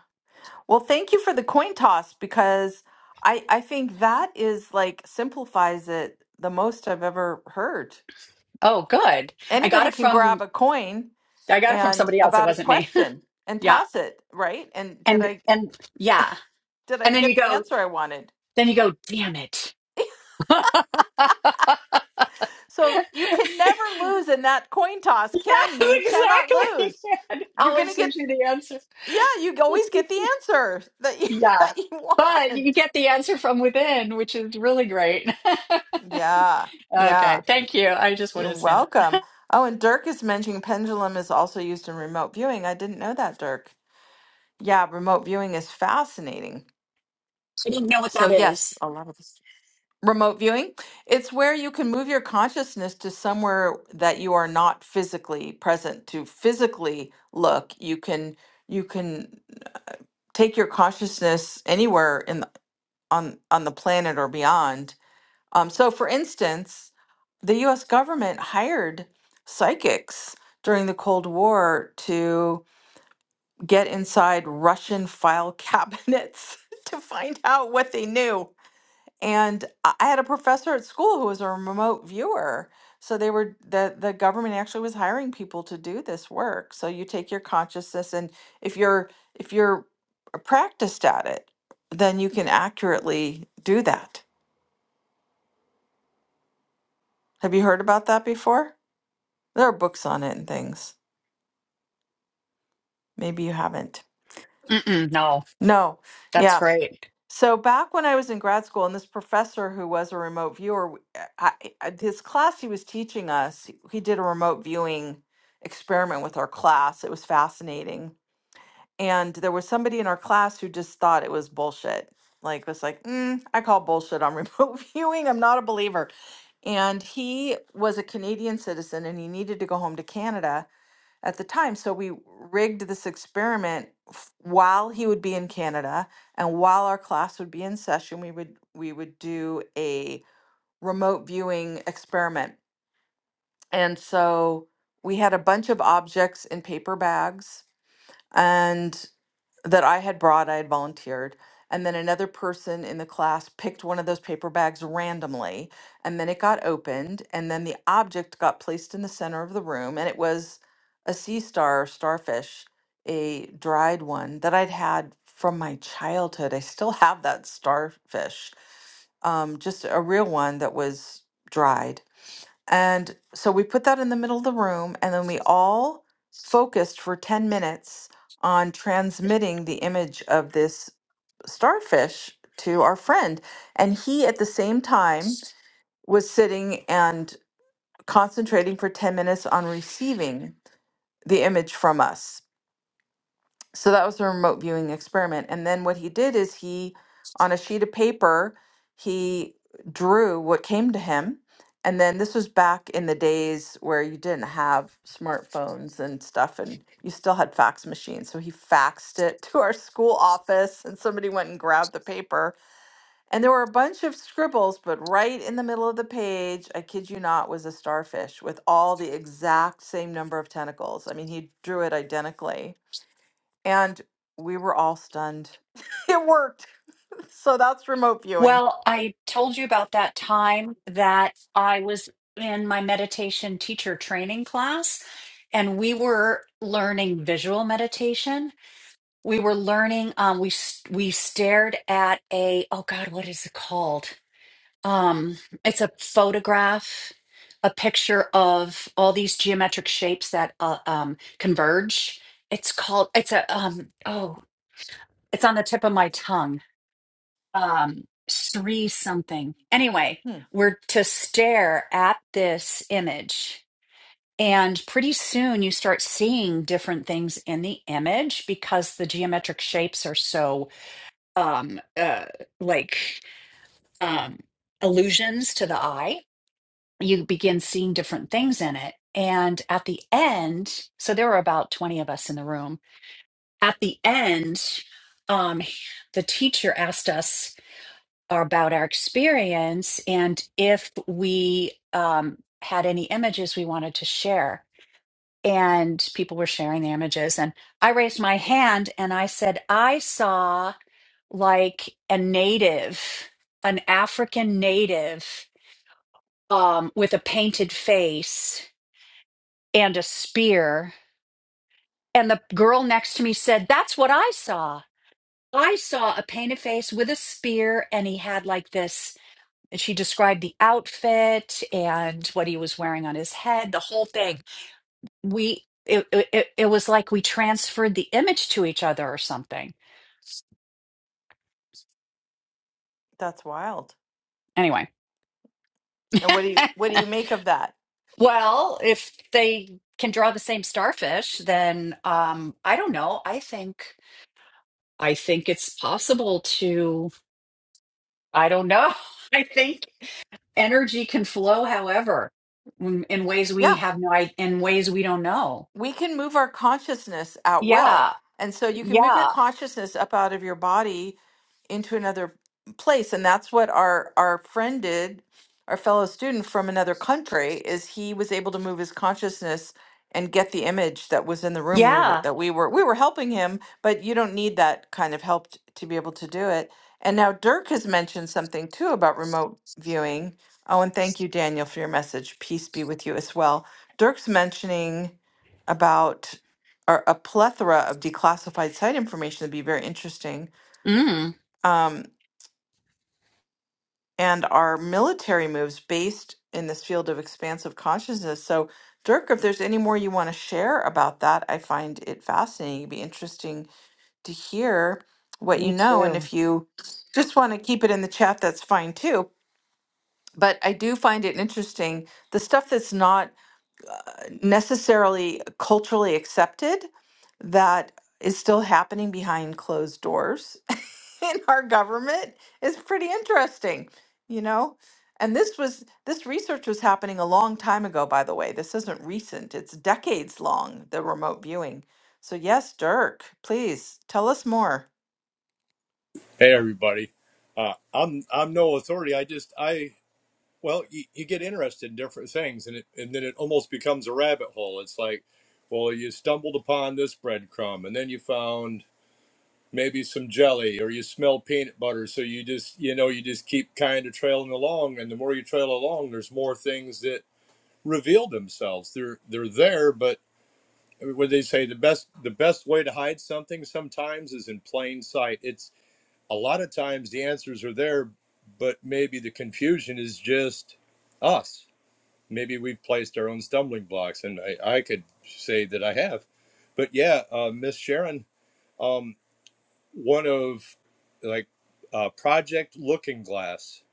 Speaker 1: well thank you for the coin toss because i i think that is like simplifies it the most i've ever heard
Speaker 2: Oh, good. I got
Speaker 1: anybody
Speaker 2: it
Speaker 1: can
Speaker 2: from
Speaker 1: grab a coin
Speaker 2: I got it from
Speaker 1: and
Speaker 2: somebody else. It
Speaker 1: about a
Speaker 2: wasn't me.
Speaker 1: question
Speaker 2: *laughs*
Speaker 1: and
Speaker 2: yeah.
Speaker 1: toss it right and did
Speaker 2: And
Speaker 1: i
Speaker 2: and yeah.
Speaker 1: did i
Speaker 2: And then you
Speaker 1: get the
Speaker 2: go,
Speaker 1: answer i wanted
Speaker 2: then you go, damn it. *laughs* yes,
Speaker 1: so you can never lose in that coin toss can you you cannot
Speaker 2: exactly. *laughs*
Speaker 1: lose
Speaker 2: It
Speaker 1: you're gonna
Speaker 2: always
Speaker 1: get
Speaker 2: gives you the answer.
Speaker 1: yeah you always get the answer that you *laughs*
Speaker 2: Yeah.
Speaker 1: that you
Speaker 2: But
Speaker 1: want
Speaker 2: you get the answer from within, which is really great.
Speaker 1: yeah
Speaker 2: *laughs* okay.
Speaker 1: yeah
Speaker 2: Thank you. I just wanted
Speaker 1: you're
Speaker 2: to say that.
Speaker 1: welcome oh and dirk is mentioning pendulum is also used in remote viewing i didn't know that dirk yeah remote viewing is fascinating
Speaker 2: I didn't know what
Speaker 1: so
Speaker 2: that
Speaker 1: yes
Speaker 2: is.
Speaker 1: a lot of this Remote viewing, it's where you can move your consciousness to somewhere that you are not physically present to physically look. You can you can take your consciousness anywhere in the, on on the planet or beyond. Um, so, for instance, the U.S. government hired psychics during the Cold War to get inside Russian file cabinets *laughs* to find out what they knew and I I had a professor at school who was a remote viewer. So they were the the government actually was hiring people to do this work. So you take your consciousness and if you're if you're practiced at it, then you can accurately do that. Have you heard about that before? There are books on it and things. Maybe you haven't.
Speaker 2: Mm-mm, no,
Speaker 1: No.
Speaker 2: that's
Speaker 1: Yeah.
Speaker 2: great.
Speaker 1: So back when I was in grad school, and this professor who was a remote viewer, w- eh, I, eh, I- his class he was teaching us, he did a remote viewing experiment with our class. It was fascinating, and there was somebody in our class who just thought it was bullshit. Like was like, mm, I call bullshit on *laughs* remote viewing. I'm not a believer. And he was a Canadian citizen, and he needed to go home to Canada at the time. So we rigged this experiment f- while he would be in Canada and while our class would be in session, we would we would do a remote viewing experiment. And so we had a bunch of objects in paper bags and that I had brought, I had volunteered. And then another person in the class picked one of those paper bags randomly. And then it got opened. And then the object got placed in the center of the room. And it was a sea star, starfish, a dried one that I'd had from my childhood. I still have that starfish, um, just a real one that was dried and so we put that in the middle of the room, and then we all focused for 10 minutes on transmitting the image of this starfish to our friend. And he, at the same time, was sitting and concentrating for 10 minutes on receiving the image from us so that was a remote viewing experiment. And then what he did is he, on a sheet of paper, he drew what came to him. And then this was back in the days where you didn't have smartphones and stuff, and you still had fax machines. So he faxed it *laughs* to our school office, and somebody went and grabbed the paper. And there were a bunch of scribbles, but right in the middle of the page, I kid you not, was a starfish with all the exact same number of tentacles. I mean, he drew it identically and we were all stunned. *laughs* it worked. *laughs* So that's remote viewing.
Speaker 2: Well, I told you about that time that I was in my meditation teacher training class, and we were learning visual meditation. We were learning, um, we s- we stared at a, oh God, what is it called? Um, it's a photograph, a picture of all these geometric shapes that uh, um, converge. It's called, it's a, um, oh, it's on the tip of my tongue um Sri something. Anyway,
Speaker 1: Hmm,
Speaker 2: we're to stare at this image. And pretty soon you start seeing different things in the image because the geometric shapes are so um uh like um illusions to the eye. You begin seeing different things in it. And at the end, so there were about 20 of us in the room. At the end, um the teacher asked us or about our experience and if we um, had any images we wanted to share. And people were sharing the images. And I raised my hand and I said, I saw like a native, an African native um, with a painted face and a spear. And the girl next to me said, That's what I saw. I saw a painted face with a spear, and he had like this And she described the outfit and what he was wearing on his head, the whole thing. We it it, it was like we transferred the image to each other or something.
Speaker 1: that's wild.
Speaker 2: Anyway. *laughs*
Speaker 1: And what do you what do you make of that?
Speaker 2: well, if they can draw the same starfish, then um I don't know. I think I think it's possible to I don't know. *laughs* I think energy can flow however in, in ways
Speaker 1: Yeah.
Speaker 2: we have no i- in ways we don't know.
Speaker 1: we can move our consciousness at will.
Speaker 2: Yeah.
Speaker 1: And so you can move your
Speaker 2: Yeah.
Speaker 1: consciousness up out of your body into another place. And that's what our our friend did, our fellow student from another country, is he was able to move his consciousness and get the image that was in the room we were
Speaker 2: Yeah.
Speaker 1: that we were we were helping him, but you don't need that kind of help t- to be able to do it. And now Dirk has mentioned something too about remote viewing. Oh, and thank you, Daniel, for your message. Peace be with you as well. Dirk's mentioning about or a plethora of declassified site information that'd be very interesting.
Speaker 2: Mm.
Speaker 1: Um, and our military moves based in this field of expansive consciousness. So, Dirk, if there's any more you want to share about that, I find it fascinating. It'd be interesting to hear what you
Speaker 2: Me
Speaker 1: know. And
Speaker 2: too.
Speaker 1: if you just want to keep it in the chat, that's fine too. But I do find it interesting. The stuff that's not necessarily culturally accepted that is still happening behind closed doors *laughs* in our government is pretty interesting, you know? And this was this research was happening a long time ago, by the way. This isn't recent. It's decades long, the remote viewing. So yes, Dirk, please tell us more.
Speaker 3: Hey everybody, uh, I'm I'm no authority. I just I well you, you get interested in different things, and it and then it almost becomes a rabbit hole. It's like, well, you stumbled upon this breadcrumb, and then you found maybe some jelly, or you smell peanut butter. So you just you know you just keep kind of trailing along, and the more you trail along, there's more things that reveal themselves. They're they're there, but what they say the best the best way to hide something sometimes is in plain sight. It's a lot of times the answers are there, but maybe the confusion is just us. Maybe we've placed our own stumbling blocks, and I, I could say that I have. But yeah, uh, Miss Sharon, um, one of like uh, Project Looking Glass,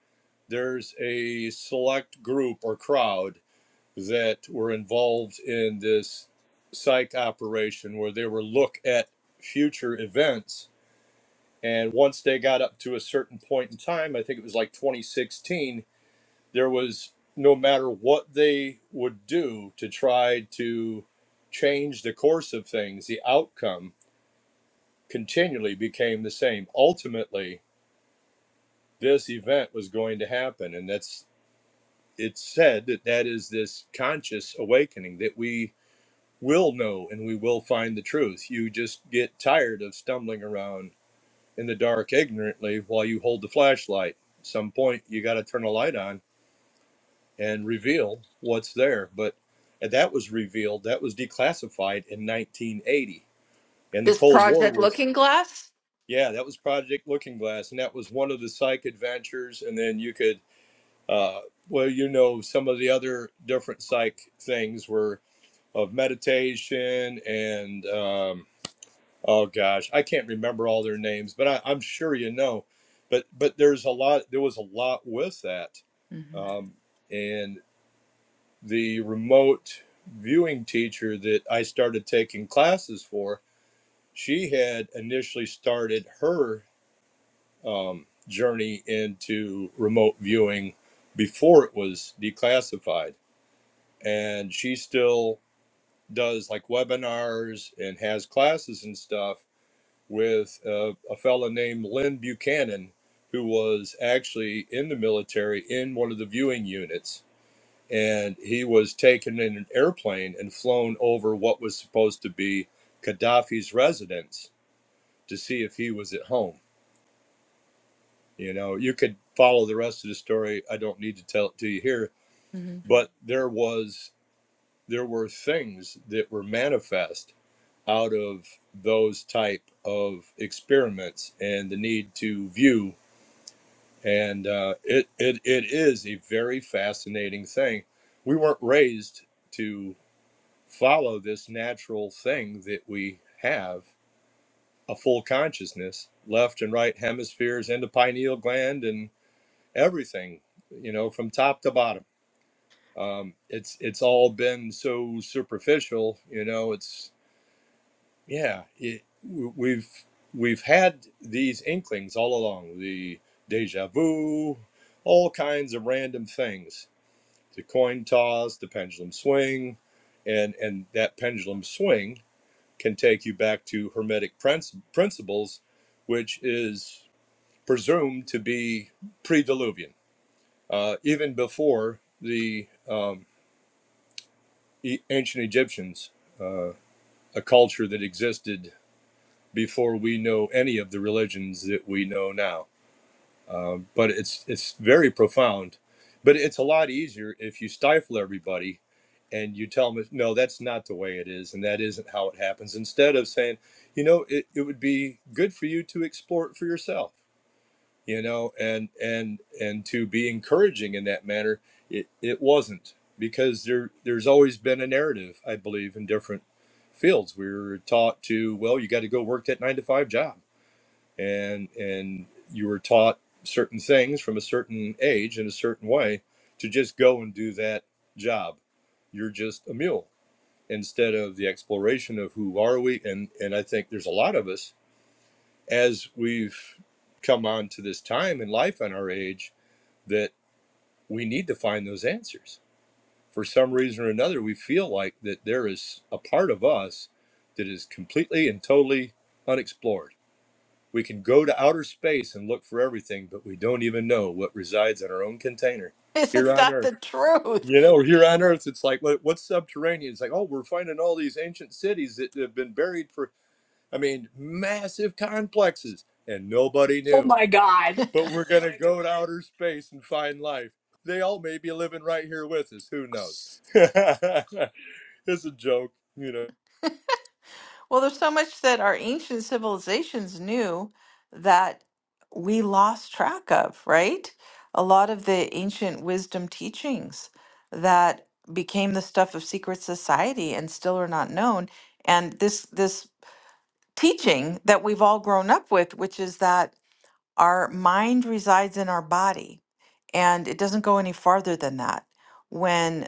Speaker 3: there's a select group or crowd that were involved in this psych operation where they were look at future events and once they got up to a certain point in time, I think it was like 2016, there was no matter what they would do to try to change the course of things, the outcome continually became the same. Ultimately, this event was going to happen. And that's, it's said that that is this conscious awakening that we will know and we will find the truth. You just get tired of stumbling around in the dark ignorantly while you hold the flashlight. At Some point you got to turn a light on and reveal what's there. But and that was revealed. That was declassified in 1980, and the
Speaker 1: This
Speaker 3: Cold War
Speaker 1: project
Speaker 3: was
Speaker 1: Looking Glass?
Speaker 3: yeah, that was Project Looking Glass, and that was one of the psych adventures. And then you could uh, well, you know, some of the other different psych things were of meditation and um, Oh gosh, I can't remember all their names, but I, I'm sure you know. But but there's a lot. There was a lot with that,
Speaker 1: hmm
Speaker 3: um, and the remote viewing teacher that I started taking classes for, she had initially started her um, journey into remote viewing before it was declassified, and she still does like webinars and has classes and stuff with uh, a fellow named Lynn Buchanan, who was actually in the military in one of the viewing units. And he was taken in an airplane and flown over what was supposed to be Gaddafi's residence to see if he was at home. You know, you could follow the rest of the story. I don't need to tell it to you here,
Speaker 1: hmm
Speaker 3: but there was there were things that were manifest out of those type of experiments and the need to view and uh, it, it it is a very fascinating thing. We weren't raised to follow this natural thing that we have a full consciousness, left and right hemispheres, and the pineal gland, and everything, you know, from top to bottom. Um, it's it's all been so superficial, you know. It's yeah, it, we- we've we've had these inklings all along. The deja vu, all kinds of random things the coin toss, the pendulum swing, and and that pendulum swing can take you back to hermetic princ- principles, which is presumed to be pre-diluvian, uh, even before the um, e- ancient Egyptians, uh, a culture that existed before we know any of the religions that we know now. um, but it's it's very profound. But it's a lot easier if you stifle everybody and you tell them, no, that's not the way it is, and that isn't how it happens. Instead of saying, you know, it, it would be good for you to explore it for yourself, you know, and and and to be encouraging in that manner, it, it wasn't because there there's always been a narrative, I believe, in different fields. We were taught to, well, you got to go work that nine to five job and and you were taught certain things from a certain age in a certain way to just go and do that job you're just a mule instead of the exploration of who are we and and i think there's a lot of us as we've come on to this time in life and our age that we need to find those answers for some reason or another we feel like that there is a part of us that is completely and totally unexplored we can go to outer space and look for everything, but we don't even know what resides in our own container
Speaker 1: *laughs*
Speaker 3: here
Speaker 1: Isn't
Speaker 3: on
Speaker 1: that
Speaker 3: Earth.
Speaker 1: the truth?
Speaker 3: You know, here on Earth, it's like, what, what's subterranean? It's like, oh, we're finding all these ancient cities that have been buried for, I mean, massive complexes, and nobody
Speaker 2: Oh
Speaker 3: knew.
Speaker 2: my God.
Speaker 3: But we're *laughs* going to go to outer space and find life. They all may be living right here with us. Who knows? *laughs* it's a joke, you know.
Speaker 1: Well, there's so much that our ancient civilizations knew that we lost track of, right? A lot of the ancient wisdom teachings that became the stuff of secret society and still are not known. And this this teaching that we've all grown up with, which is that our mind resides in our body, and it doesn't go any farther than that. When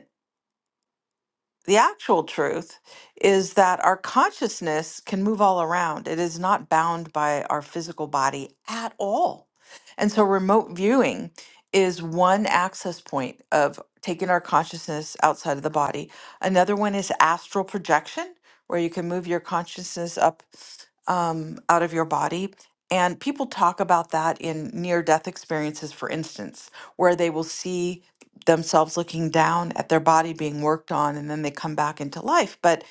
Speaker 1: the actual truth is that our consciousness can move all around. It is not bound by our physical body at all. And so, remote viewing is one access point of taking our consciousness outside of the body. Another one is astral projection, where you can move your consciousness up um, out of your body. And people talk about that in near death experiences, for instance, where they will see themselves looking down at their body being worked on and then they come back into life. But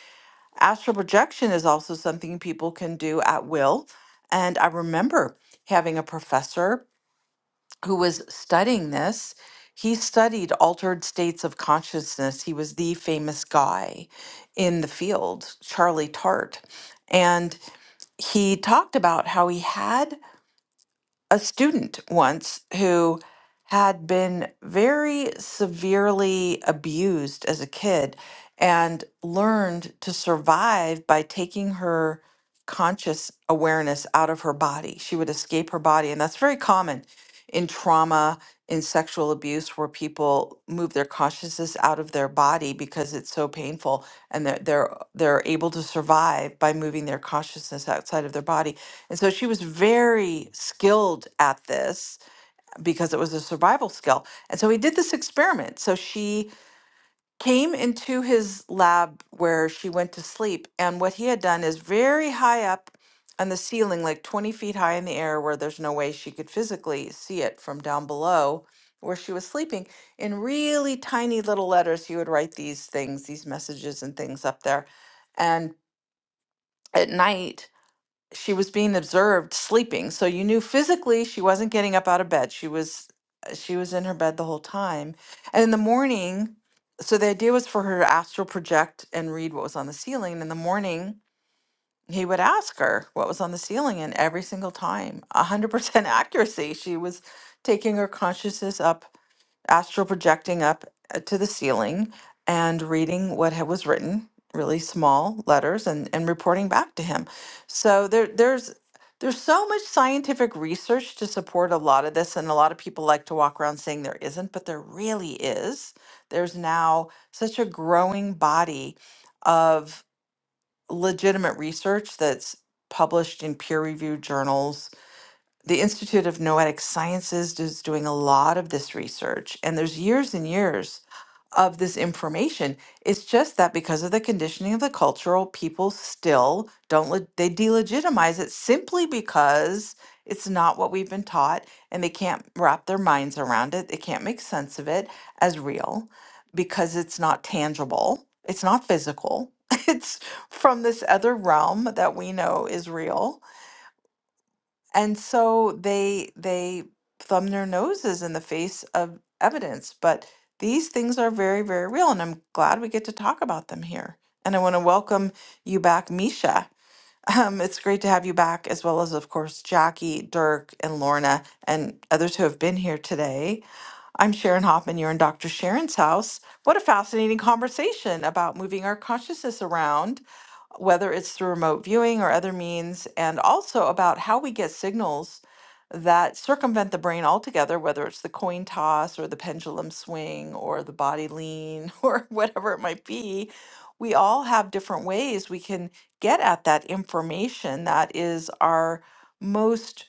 Speaker 1: astral projection is also something people can do at will. And I remember having a professor who was studying this. He studied altered states of consciousness. He was the famous guy in the field, Charlie Tart. And he talked about how he had a student once who had been very severely abused as a kid and learned to survive by taking her conscious awareness out of her body. She would escape her body. And that's very common in trauma, in sexual abuse, where people move their consciousness out of their body because it's so painful and they're, they're, they're able to survive by moving their consciousness outside of their body and so she was very skilled at this because it was a survival skill. And so he did this experiment. So she came into his lab where she went to sleep. And what he had done is very high up on the ceiling, like 20 feet high in the air, where there's no way she could physically see it from down below where she was sleeping. In really tiny little letters, he would write these things, these messages and things up there. And at night, she was being observed sleeping so you knew physically she wasn't getting up out of bed she was uh, she was in her bed the whole time and in the morning so the idea was for her to astral project and read what was on the ceiling and in the morning he would ask her what was on the ceiling and every single time 100% *laughs* accuracy she was taking her consciousness up astral projecting up uh, to the ceiling and reading what had was written, really small letters, and and reporting back to him. So there there's there's so much scientific research to support a lot of this, and a lot of people like to walk around saying there isn't, but there really is. There's now such a growing body of legitimate research that's published in peer-reviewed journals the Institute of Noetic Sciences is doing a lot of this research, and there's years and years of this information. It's just that because of the conditioning of the cultural, people still don't le- they delegitimize it simply because it's not what we've been taught, and they can't wrap their minds around it. They can't make sense of it as real because it's not tangible. It's not physical. *laughs* It's from this other realm that we know is real and so they they thumb their noses in the face of evidence. But these things are very, very real, and I'm glad we get to talk about them here. And I want to welcome you back, Misha. Um, it's great to have you back, as well as, of course, Jackie, Dirk, and Lorna, and others who have been here today. I'm Sharon Hoffman. You're in Dr. Sharon's house. What a fascinating conversation about moving our consciousness around, whether it's through remote viewing or other means, and also about how we get signals that circumvent the brain altogether, whether it's the coin toss or the pendulum swing or the body lean *laughs* or whatever it might be. We all have different ways we can get at that information that is our most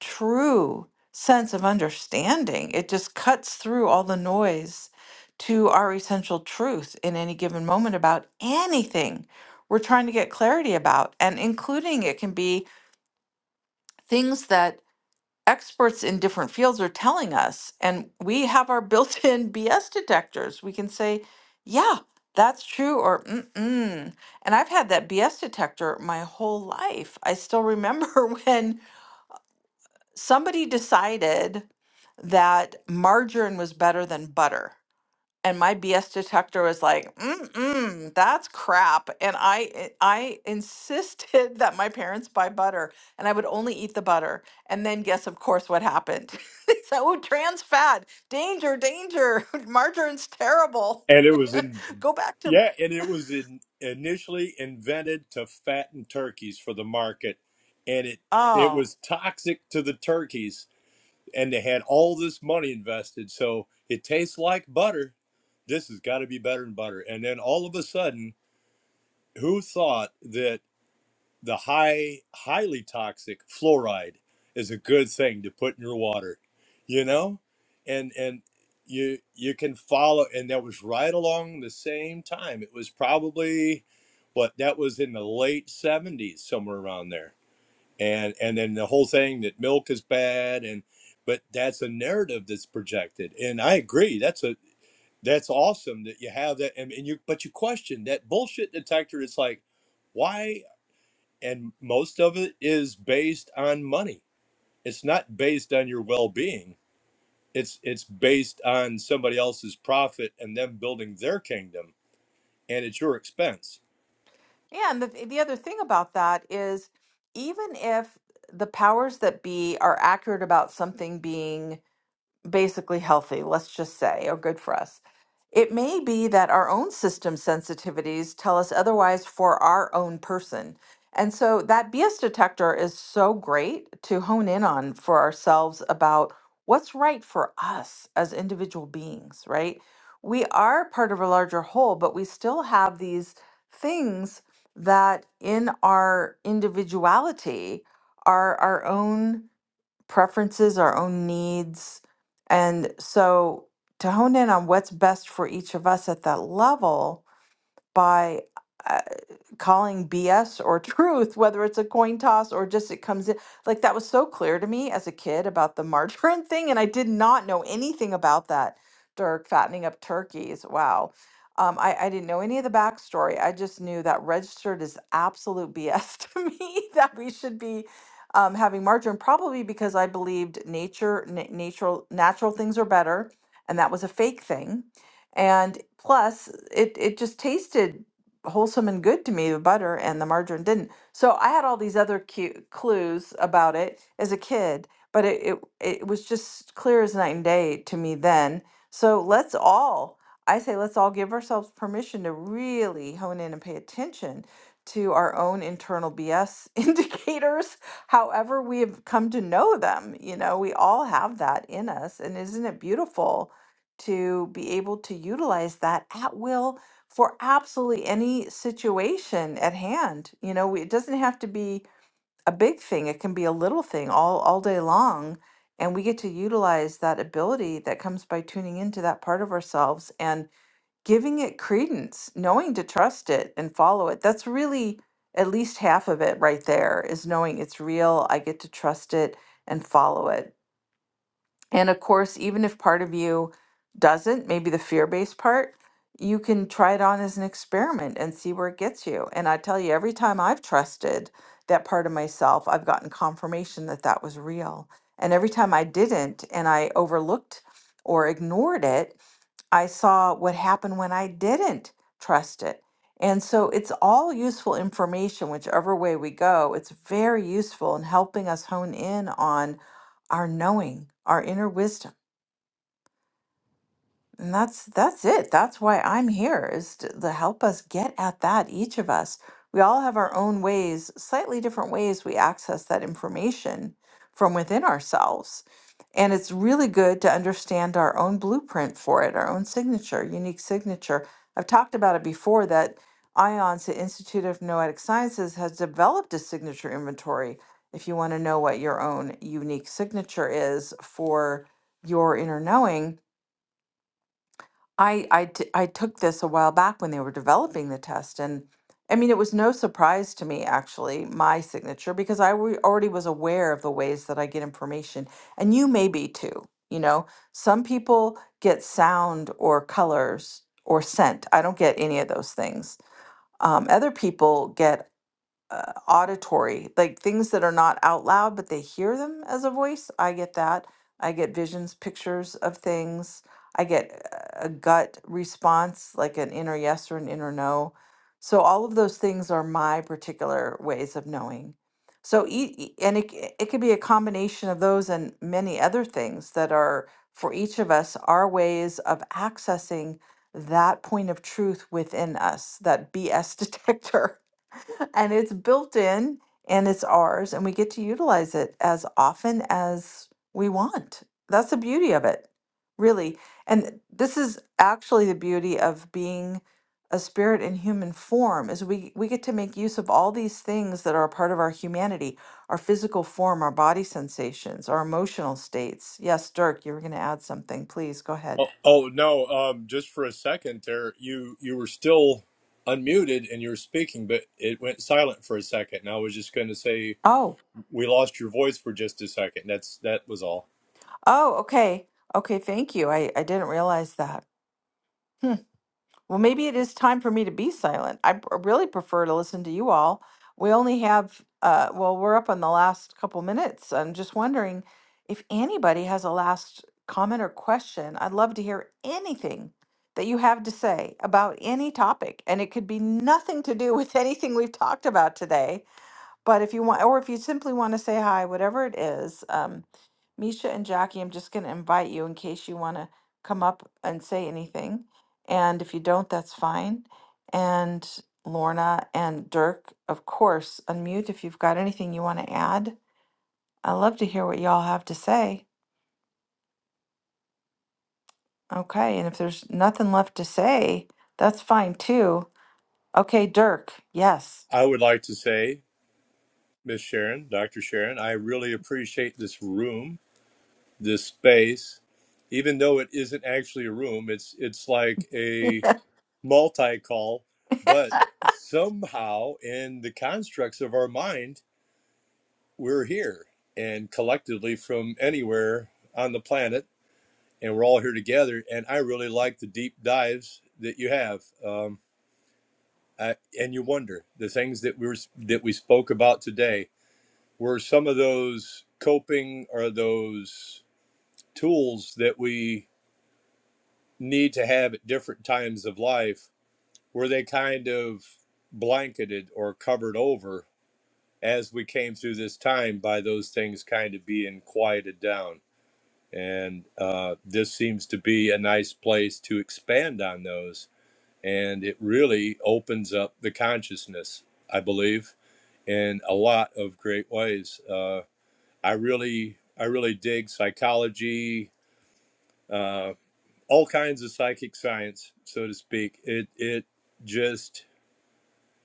Speaker 1: true sense of understanding. It just cuts through all the noise to our essential truth in any given moment about anything we're trying to get clarity about. And including it can be things that experts in different fields are telling us. And we have our built in *laughs* BS detectors. We can say, yeah, that's true, or mm-mm. And I've had that BS detector my whole life. I still remember *laughs* when somebody decided that margarine was better than butter. And my BS detector was like, mm-mm, that's crap. And I i- I insisted *laughs* that my parents buy butter and I would only eat the butter. And then guess of course what happened. *laughs* they said, oh, trans fat, danger, danger. *laughs* Margarine's terrible.
Speaker 3: And it was in,
Speaker 1: *laughs* Go back to
Speaker 3: yeah, and it was in, initially invented to fatten turkeys for the market, and it it
Speaker 1: oh.
Speaker 3: was toxic to the turkeys, and they had all this money invested, so it tastes like butter. This has got to be better than butter. And then all of a sudden, who thought that? the high highly toxic fluoride is a good thing to put in your water you know and and you you can follow and that was right along the same time it was probably what that was in the late 70s somewhere around there and and then the whole thing that milk is bad and but that's a narrative that's projected and i agree that's a that's awesome that you have that and, and you but you question that bullshit detector it's like why and most of it is based on money it's not based on your well-being it's it's based on somebody else's profit and them building their kingdom and it's your expense
Speaker 1: Yeah, and the the other thing about that is even if the powers that be are accurate about something being basically healthy, let's just say, or good for us. It may be that our own system sensitivities tell us otherwise for our own person. And so that BS detector is so great to hone in on for ourselves about what's right for us as individual beings, right? We are part of a larger whole, but we still have these things that in our individuality are our own preferences, our own needs. And so to hone in on what's best for each of us at that level by, uh, calling BS or *laughs* truth, whether it's a coin toss or just it comes in. Like that was so clear to me as a kid about the margarine *laughs* thing, and I did not know anything about that. Dirk fattening up turkeys. Wow. Um, I, I didn't know any of the backstory. I just knew that registered is absolute *laughs* BS to me *laughs* that we should be um, having margarine, probably because I believed nature, na- natural, natural things are better, and that was a fake thing. And plus, it it just tasted wholesome and good to me, the butter and the margarine didn't. So I had all these other cute clues about it as a kid, but it, it it was just clear as night and day to me then. So let's all, I say, let's all give ourselves permission to really hone in and pay attention to our own internal BS *laughs* indicators, however we have come to know them. You know, we all have that in us, and isn't it beautiful to be able to utilize that at will? for absolutely any situation at hand. You know, we- it doesn't have to be a big thing. It can be a little thing all all day long, and we get to utilize that ability that comes by tuning into that part of ourselves and giving it credence, knowing to trust it and follow it. That's really at least half of it right there is knowing it's real. I get to trust it and follow it and of course, even if part of you doesn't, maybe the fear based part, you can try it on as an experiment and see where it gets you. And I tell you, every time I've trusted that part of myself, I've gotten confirmation that that was real. And every time I didn't and I overlooked or ignored it, I saw what happened when I didn't trust it. And so it's all useful information, whichever way we go. It's very useful in helping us hone in on our knowing, our inner wisdom. And that's that's it. That's why I'm here is to, to help us get at that each of us. We all have our own ways, slightly different ways we access that information from within ourselves. And it's really good to understand our own blueprint for it, our own signature, unique signature. I've talked about it before that IONS, the Institute of Noetic Sciences, has developed a signature inventory. If you want to know what your own unique signature is for your inner knowing, I I t- I took this a while back when they were developing the test, and I mean, it was no surprise to me actually my signature because I wa- already was aware of the ways that I get information, and you may be too. You know, some people get sound or colors or scent. I don't get any of those things. Um, other people get uh, auditory, like things that are not out loud, but they hear them as a voice. I get that. I get visions, pictures of things. I get uh, a gut response, like an inner yes or an inner no. So all of those things are my particular ways of knowing. So e- e- and it c- it could be a combination of those and many other things that are for each of us our ways of accessing that point of truth within us, that BS *laughs* detector and it's built in and it's ours and we get to utilize it as often as we want that's the beauty of it really and this is actually the beauty of being a spirit in human form is we we get to make use of all these things that are a part of our humanity our physical form our body sensations our emotional states yes dirk you were going to add something please go ahead
Speaker 3: oh, oh no um just for a second there you you were still unmuted and you were speaking but it went silent for a second and i was just going to say
Speaker 1: oh
Speaker 3: we lost your voice for just a second that's that was all
Speaker 1: oh okay okay thank you i i didn't realize that *laughs* Well, maybe it is time for me to be silent. I p- really prefer to listen to you all. We only have, uh, well, we're up on the last couple minutes. I'm just wondering if anybody has a last comment or question. I'd love to hear anything that you have to say about any topic, and it could be nothing to do with *laughs* anything we've talked about today but if you want, or if you simply want to say hi, whatever it is, um, Misha and Jackie, I'm just going to invite you in case you want to come up and say anything. And if you don't, that's fine. And Lorna and Dirk, of course, unmute if you've got anything you want to add. I love to hear what y'all have to say. Okay. And if there's nothing left to say, that's fine too. Okay, Dirk. Yes.
Speaker 3: i would like to say miss sharon dr sharon i really appreciate this room this space even though it isn't actually a room it's it's like a multi-call but somehow in the constructs of our mind we're here and collectively from anywhere on the planet and we're all here together and i really like the deep dives that you have um, I, and you wonder the things that we were that we spoke about today were some of those coping or those tools that we need to have at different times of life were they kind of blanketed or covered over as we came through this time by those things kind of being quieted down and uh, this seems to be a nice place to expand on those and it really opens up the consciousness i believe in a lot of great ways uh, i really i really dig psychology uh, all kinds of psychic science, so to speak. It it just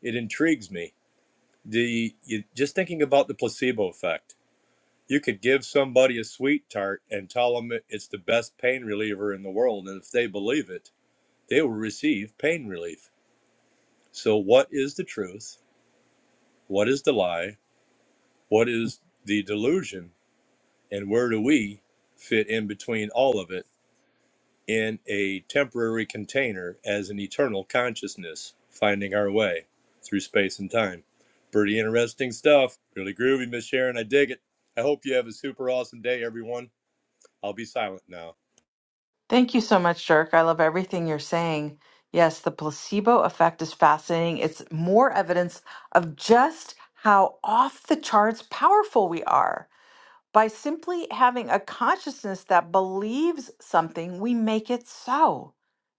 Speaker 3: it intrigues me. The you, just thinking about the placebo effect. You could give somebody a sweet tart and tell them it- it's the best pain reliever in the world, and if they believe it, they will receive pain relief. So, what is the truth? What is the lie? What is the delusion? And where do we fit in between all of it? in a temporary container as an eternal consciousness, finding our way through space and time. Pretty interesting stuff. Really groovy, Miss Sharon. I dig it. I hope you have a super awesome day, everyone. I'll be silent now.
Speaker 1: Thank you so much, Dirk. I love everything you're saying. Yes, the placebo effect is fascinating. It's more evidence of just how off the charts powerful we are. By simply having a consciousness that believes something, we make it so.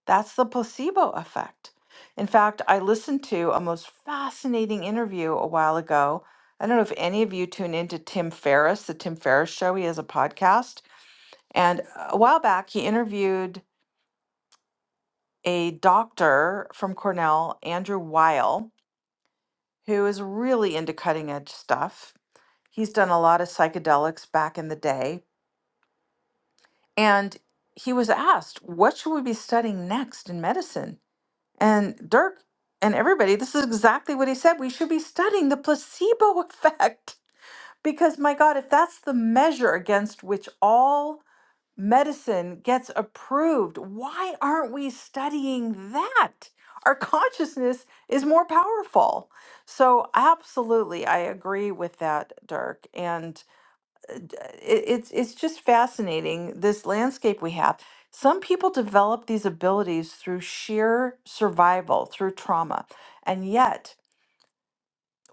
Speaker 1: That's the placebo effect. In fact, I listened to a most fascinating interview a while ago. I don't know if any of you tune into Tim Ferriss, the Tim Ferriss show. He has a podcast. And a while back, he interviewed a doctor from Cornell, Andrew Weil, who is really into cutting edge stuff. He's done a lot of psychedelics back in the day. And he was asked, What should we be studying next in medicine? And Dirk and everybody, this is exactly what he said. We should be studying the placebo *laughs* effect. Because, my God, if that's the measure against which all medicine gets approved. Why aren't we studying that? Our consciousness is more powerful. So, absolutely, I agree with that, Dirk. And uh, d- it, it's it's just fascinating this landscape we have. Some people develop these abilities through sheer survival, through trauma, and yet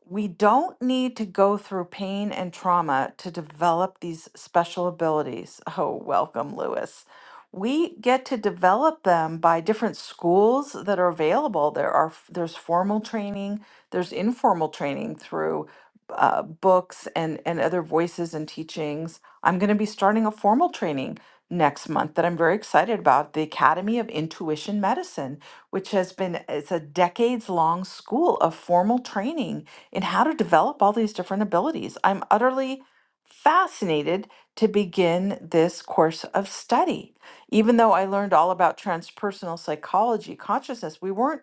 Speaker 1: we don't need to go through pain and trauma to develop these special abilities. *laughs* Oh, welcome, Lewis. We get to develop them by different schools that are available. There are there's formal training, there's informal training through uh, books and and other voices and teachings. I'm going to be starting a formal training next month that I'm very excited about, the Academy of Intuition Medicine, which has been it's a decades long school of formal training in how to develop all these different abilities. I'm utterly fascinated to begin this course of study. Even though I learned all about transpersonal psychology, consciousness, we weren't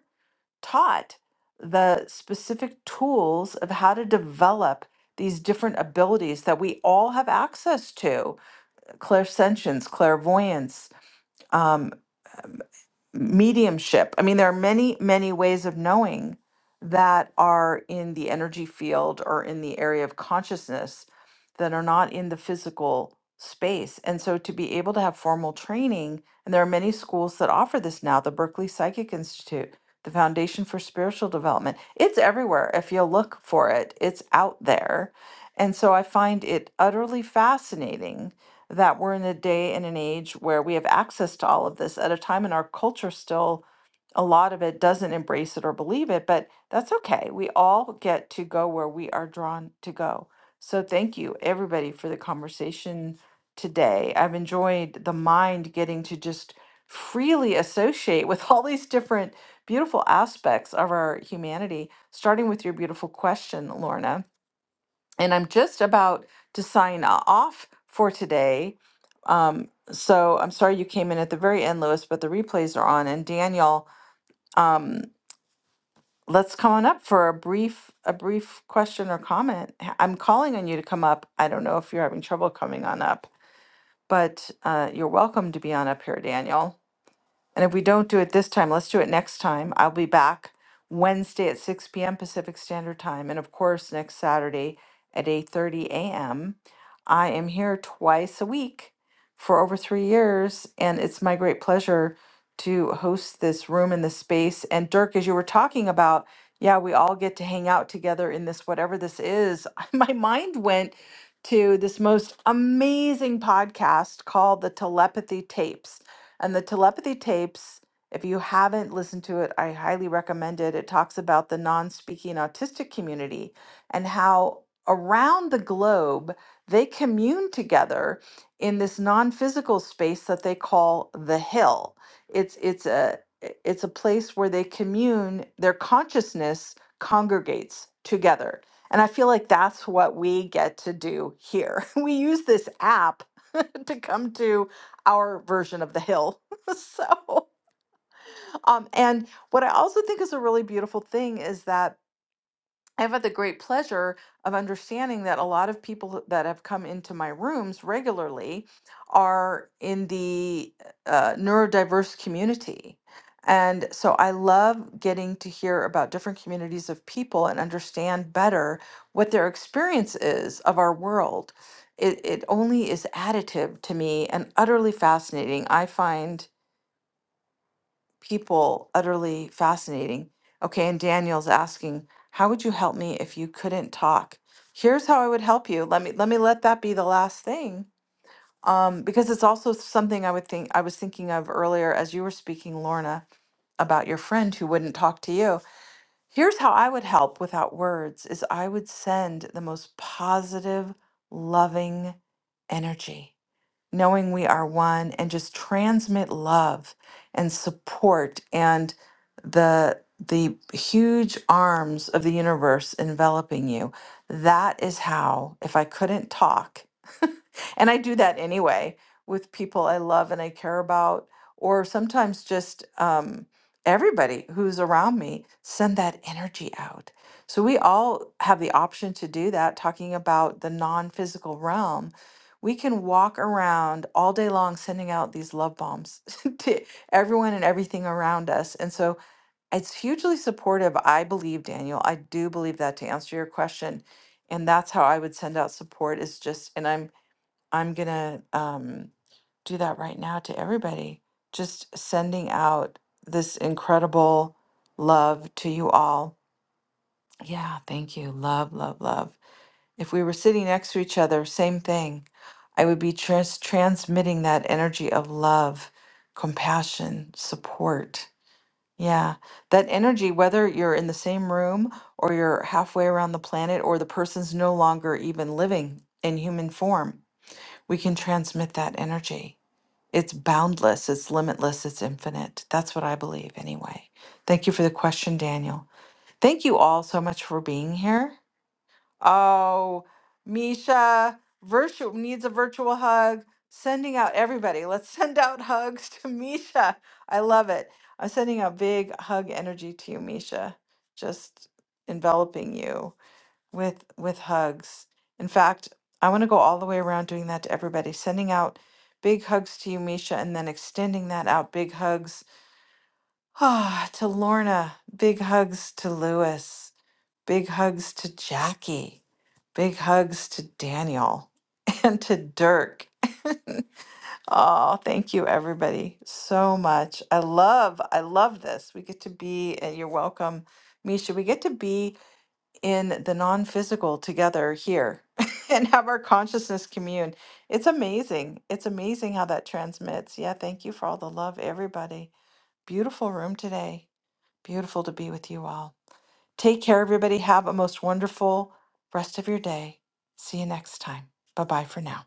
Speaker 1: taught the specific tools of how to develop these different abilities that we all have access to clairsentience, clairvoyance, um, mediumship. I mean, there are many, many ways of knowing that are in the energy field or in the area of consciousness that are not in the physical space. And so to be able to have formal training, and there are many schools that offer this now, the Berkeley Psychic Institute, the Foundation for Spiritual Development, it's everywhere. If you look for it, it's out there. And so I find it utterly fascinating that we're in a day and an age where we have access to all of this at a time in our culture still a lot of it doesn't embrace it or believe it but that's okay we all get to go where we are drawn to go so thank you everybody for the conversation today i've enjoyed the mind getting to just freely associate with *laughs* all these different beautiful aspects of our humanity starting with your beautiful question lorna and i'm just about to sign off for today um, so I'm sorry you came in at the very end, Lewis, but the replays are on. And Daniel, um, let's come on up for a brief a brief question or comment. H- I'm calling on you to come up. I don't know if you're having trouble coming on up, but uh, you're welcome to be on up here, Daniel. And if we don't do it this time, let's do it next time. I'll be back Wednesday at 6 p.m. Pacific Standard Time. And of course, next Saturday at 8:30 a.m. I am here twice a week for over three years. And it's my great pleasure to host this room in this space. And Dirk, as you were talking about, yeah, we all get to hang out together in this, whatever this is. *laughs* My mind went to this most amazing podcast called The Telepathy Tapes. And the telepathy tapes, if you haven't listened to it, I highly recommend it. It talks about the non speaking autistic community and how around the globe they commune together in this non physical space that they call the hill. It's, it's, a, i- it's a place where they commune, their consciousness congregates together. And I feel like that's what we get to do here. *laughs* We use this app *laughs* to come to our version of the hill. *laughs* so, um, and what I also think is a really beautiful thing is that I've had the great pleasure of understanding that a lot of people that have come into my rooms regularly are in the uh, neurodiverse community. And so I love getting to hear about different communities of people and understand better what their experience is of our world it, it only is additive to me and utterly fascinating. I find people utterly fascinating. Okay, and Daniel's asking, "How would you help me if you couldn't talk?" Here's how I would help you. Let me let me let that be the last thing, um, because it's also something I would think I was thinking of earlier as you were speaking, Lorna, about your friend who wouldn't talk to you. Here's how I would help without words: is I would send the most positive, loving energy knowing we are one and just transmit love and support and the the huge arms of the universe enveloping you that is how if i couldn't talk and I do that anyway with people I love and I care about, or sometimes just um, everybody who's around me, send that energy out. So we all have the option to do that, talking about the non physical realm. We can walk around all day long sending out these love bombs *laughs* to everyone and everything around us. And so it's hugely supportive, I believe, Daniel. I do believe that to answer your question. And that's how I would send out support is just, and I'm I'm gonna um, do that right now to everybody. Just sending out this incredible love to you all. Yeah, thank you. Love, love, love. If we were sitting next to each other, same thing. I would be trans- transmitting that energy of love, compassion, support. Yeah, that energy, whether you're in the same room or you're halfway around the planet or the person's no longer even living in human form we can transmit that energy. It's boundless, it's limitless, it's infinite. That's what I believe, anyway. Thank you for the question, Daniel. Thank you all so much for being here. Oh, Misha, virtu- needs a virtual hug. Sending out everybody. Let's *laughs* send out hugs to Misha. I love it. I'm sending a big hug energy to you, Misha. Just enveloping you with with hugs. In fact, I want to go all the way around doing that to everybody, sending out big hugs to you, Misha, and then extending that out. Big hugs *sighs* ah, to Lorna. Big hugs to Lewis. Big hugs to Jackie. Big hugs to Daniel *laughs* and to Dirk. *laughs* oh, thank you everybody so much. I love I love this. We get to be and you're welcome, Misha. We get to be in the non physical together here *laughs* and have our consciousness commune. It's amazing. It's amazing how that transmits. Yeah, thank you for all the love, everybody. Beautiful room today. Beautiful to be with you all. Take care, everybody. Have a most wonderful rest of your day. See you next time. Bye bye for now.